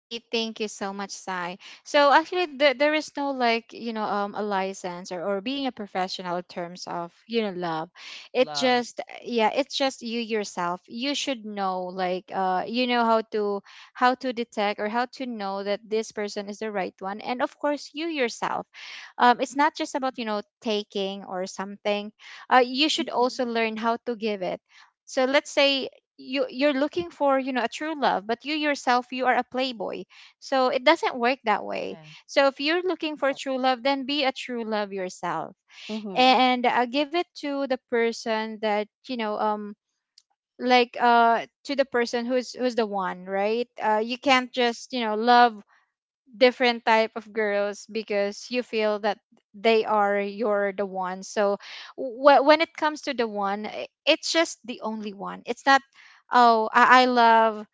Speaker 3: Hey, thank you so much, Sai. So actually, there is no, like, a license, or being a professional in terms of, love. It
Speaker 2: love
Speaker 3: just Yeah, it's just you yourself. You should know, like, how to detect or how to know that this person is the right one, and of course, you yourself. It's not just about taking or something. You should also learn how to give it. So let's say, you're looking for a true love, but you yourself, you are a playboy, so it doesn't work that way.
Speaker 2: and
Speaker 3: So if you're looking for
Speaker 2: help.
Speaker 3: true love, then be a true love yourself.
Speaker 1: Mm-hmm.
Speaker 3: And give it to the person that you know like to the person who's the one, right? You can't just love different type of girls, because you feel that they are you're the one. So when it comes to the one, it's just the only one, it's not, oh, I love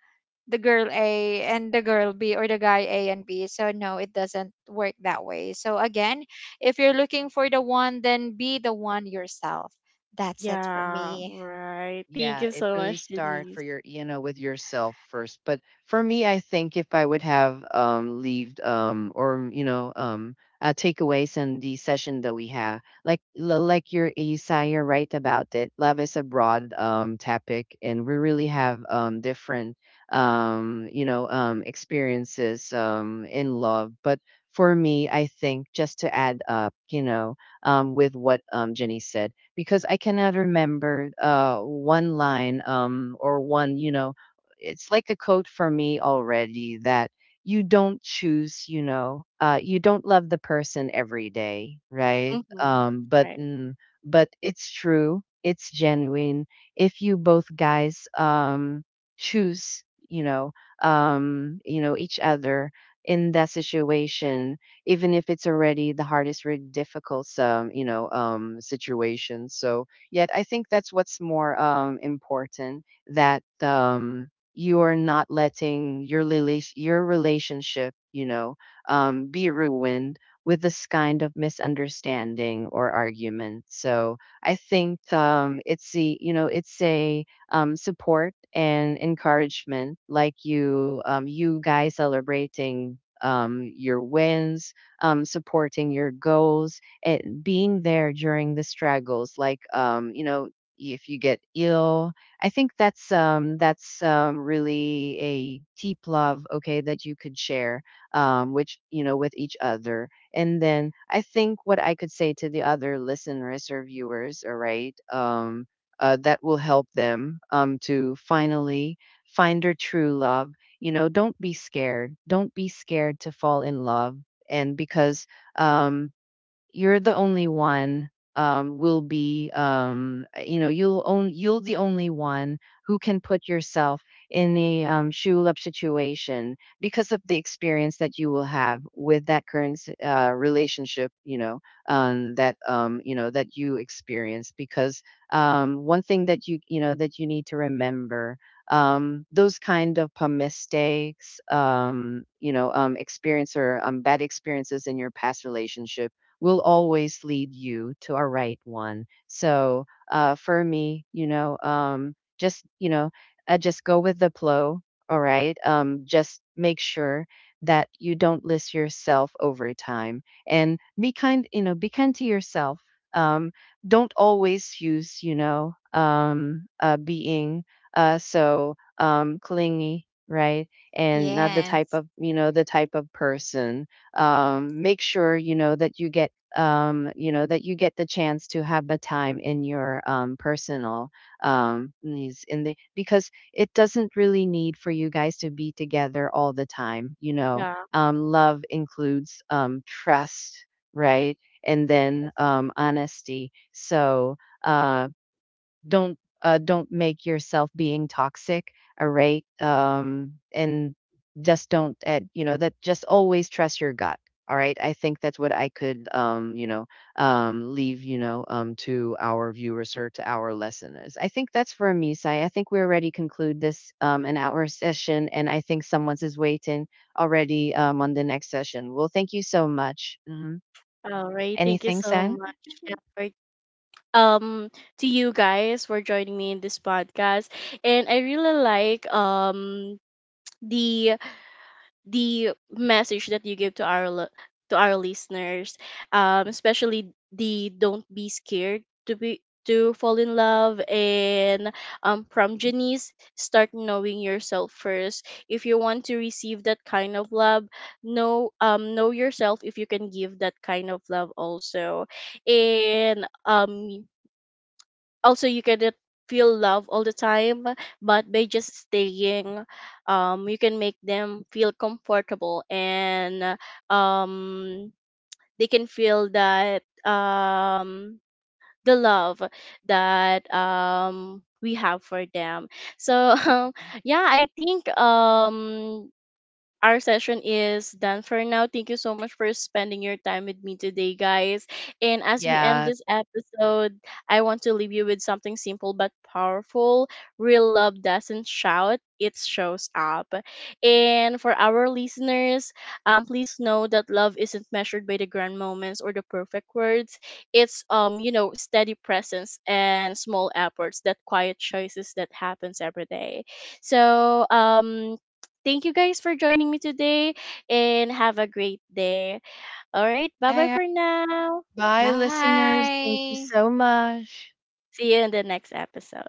Speaker 3: the girl A and the girl B, or the guy A and B. So no, it doesn't work that way. So again, if you're looking for the one, then be the one yourself. That's it for
Speaker 1: Yeah,
Speaker 3: me.
Speaker 1: right. Thank
Speaker 2: Yeah,
Speaker 1: you
Speaker 2: it
Speaker 1: so
Speaker 2: really
Speaker 1: much,
Speaker 2: start for
Speaker 1: Denise.
Speaker 2: your, with yourself first. But for me, I think if I would have leaved or takeaways in the session that we have, like like your Isai, you're right about it. Love is a broad topic, and we really have different experiences in love. But for me, I think just to add up, with what Jenny said, because I cannot remember one line, or one, it's like a code for me already that you don't choose, you don't love the person every day, right?
Speaker 1: Mm-hmm.
Speaker 2: Um, but
Speaker 1: Right.
Speaker 2: mm, but it's true, it's genuine. If you both guys choose, you know, you know each other in that situation, even if it's already the hardest, really difficult, situation. So, yet I think that's what's more important, that you are not letting your your relationship, be ruined with this kind of misunderstanding or argument. So, I think it's the, you know, it's a support and encouragement, like you guys celebrating your wins, supporting your goals, and being there during the struggles, like, if you get ill. I think that's really a deep love, okay, that you could share, which you know with each other. And then I think what I could say to the other listeners or viewers, all right, that will help them, to finally find their true love. Don't be scared. Don't be scared to fall in love, and because um, you're the only one will be you'll own you'll the only one who can put yourself in a shoe situation because of the experience that you will have with that current relationship, that you experience, because one thing that you know that you need to remember, those kind of mistakes, experience or bad experiences in your past relationship will always lead you to a right one. So, for me, just go with the flow. All right. Just make sure that you don't list yourself over time, and be kind. Be kind to yourself. Um, don't always use, being so clingy, right? And not the type
Speaker 3: Yes.
Speaker 2: of, the type of person. Make sure you know that you get you know, that you get the chance to have a time in your personal needs in the, because it doesn't really need for you guys to be together all the time.
Speaker 1: Yeah.
Speaker 2: Love includes trust, right? And then honesty. So. Um, don't make yourself being toxic, all right? And just don't, you know that just always trust your gut. All right, I think that's what I could, leave, to our viewers or to our listeners. I think that's for me, sai. I think we already conclude this an hour session, and I think someone's is waiting already on the next session. Well, thank you so much. Mhm.
Speaker 1: All right. Thank you
Speaker 2: anything
Speaker 1: so
Speaker 2: sen
Speaker 1: much. Yeah, for, um to you guys for joining me in this podcast. And I really like, the the message that you give to our to our listeners, especially the don't be scared to fall in love, and from Janice, start knowing yourself first. If you want to receive that kind of love, know, know yourself if you can give that kind of love also. And also, you cannot feel love all the time, but by just staying, you can make them feel comfortable, and um they can feel that, the love that we have for them. So yeah, I think, our session is done for now. Thank you so much for spending your time with me today, guys. And as we end
Speaker 2: Yeah,
Speaker 1: this episode, I want to leave you with something simple but powerful. Real love doesn't shout, it shows up. And for our listeners, please know that love isn't measured by the grand moments or the perfect words. It's, you know, steady presence and small efforts, that quiet choices that happens every day. So thank you guys for joining me today, and have a great day. All right, bye bye
Speaker 2: bye.
Speaker 1: for now.
Speaker 2: Bye, listeners. Thank you
Speaker 3: Bye.
Speaker 2: so much.
Speaker 1: See you in the next episode.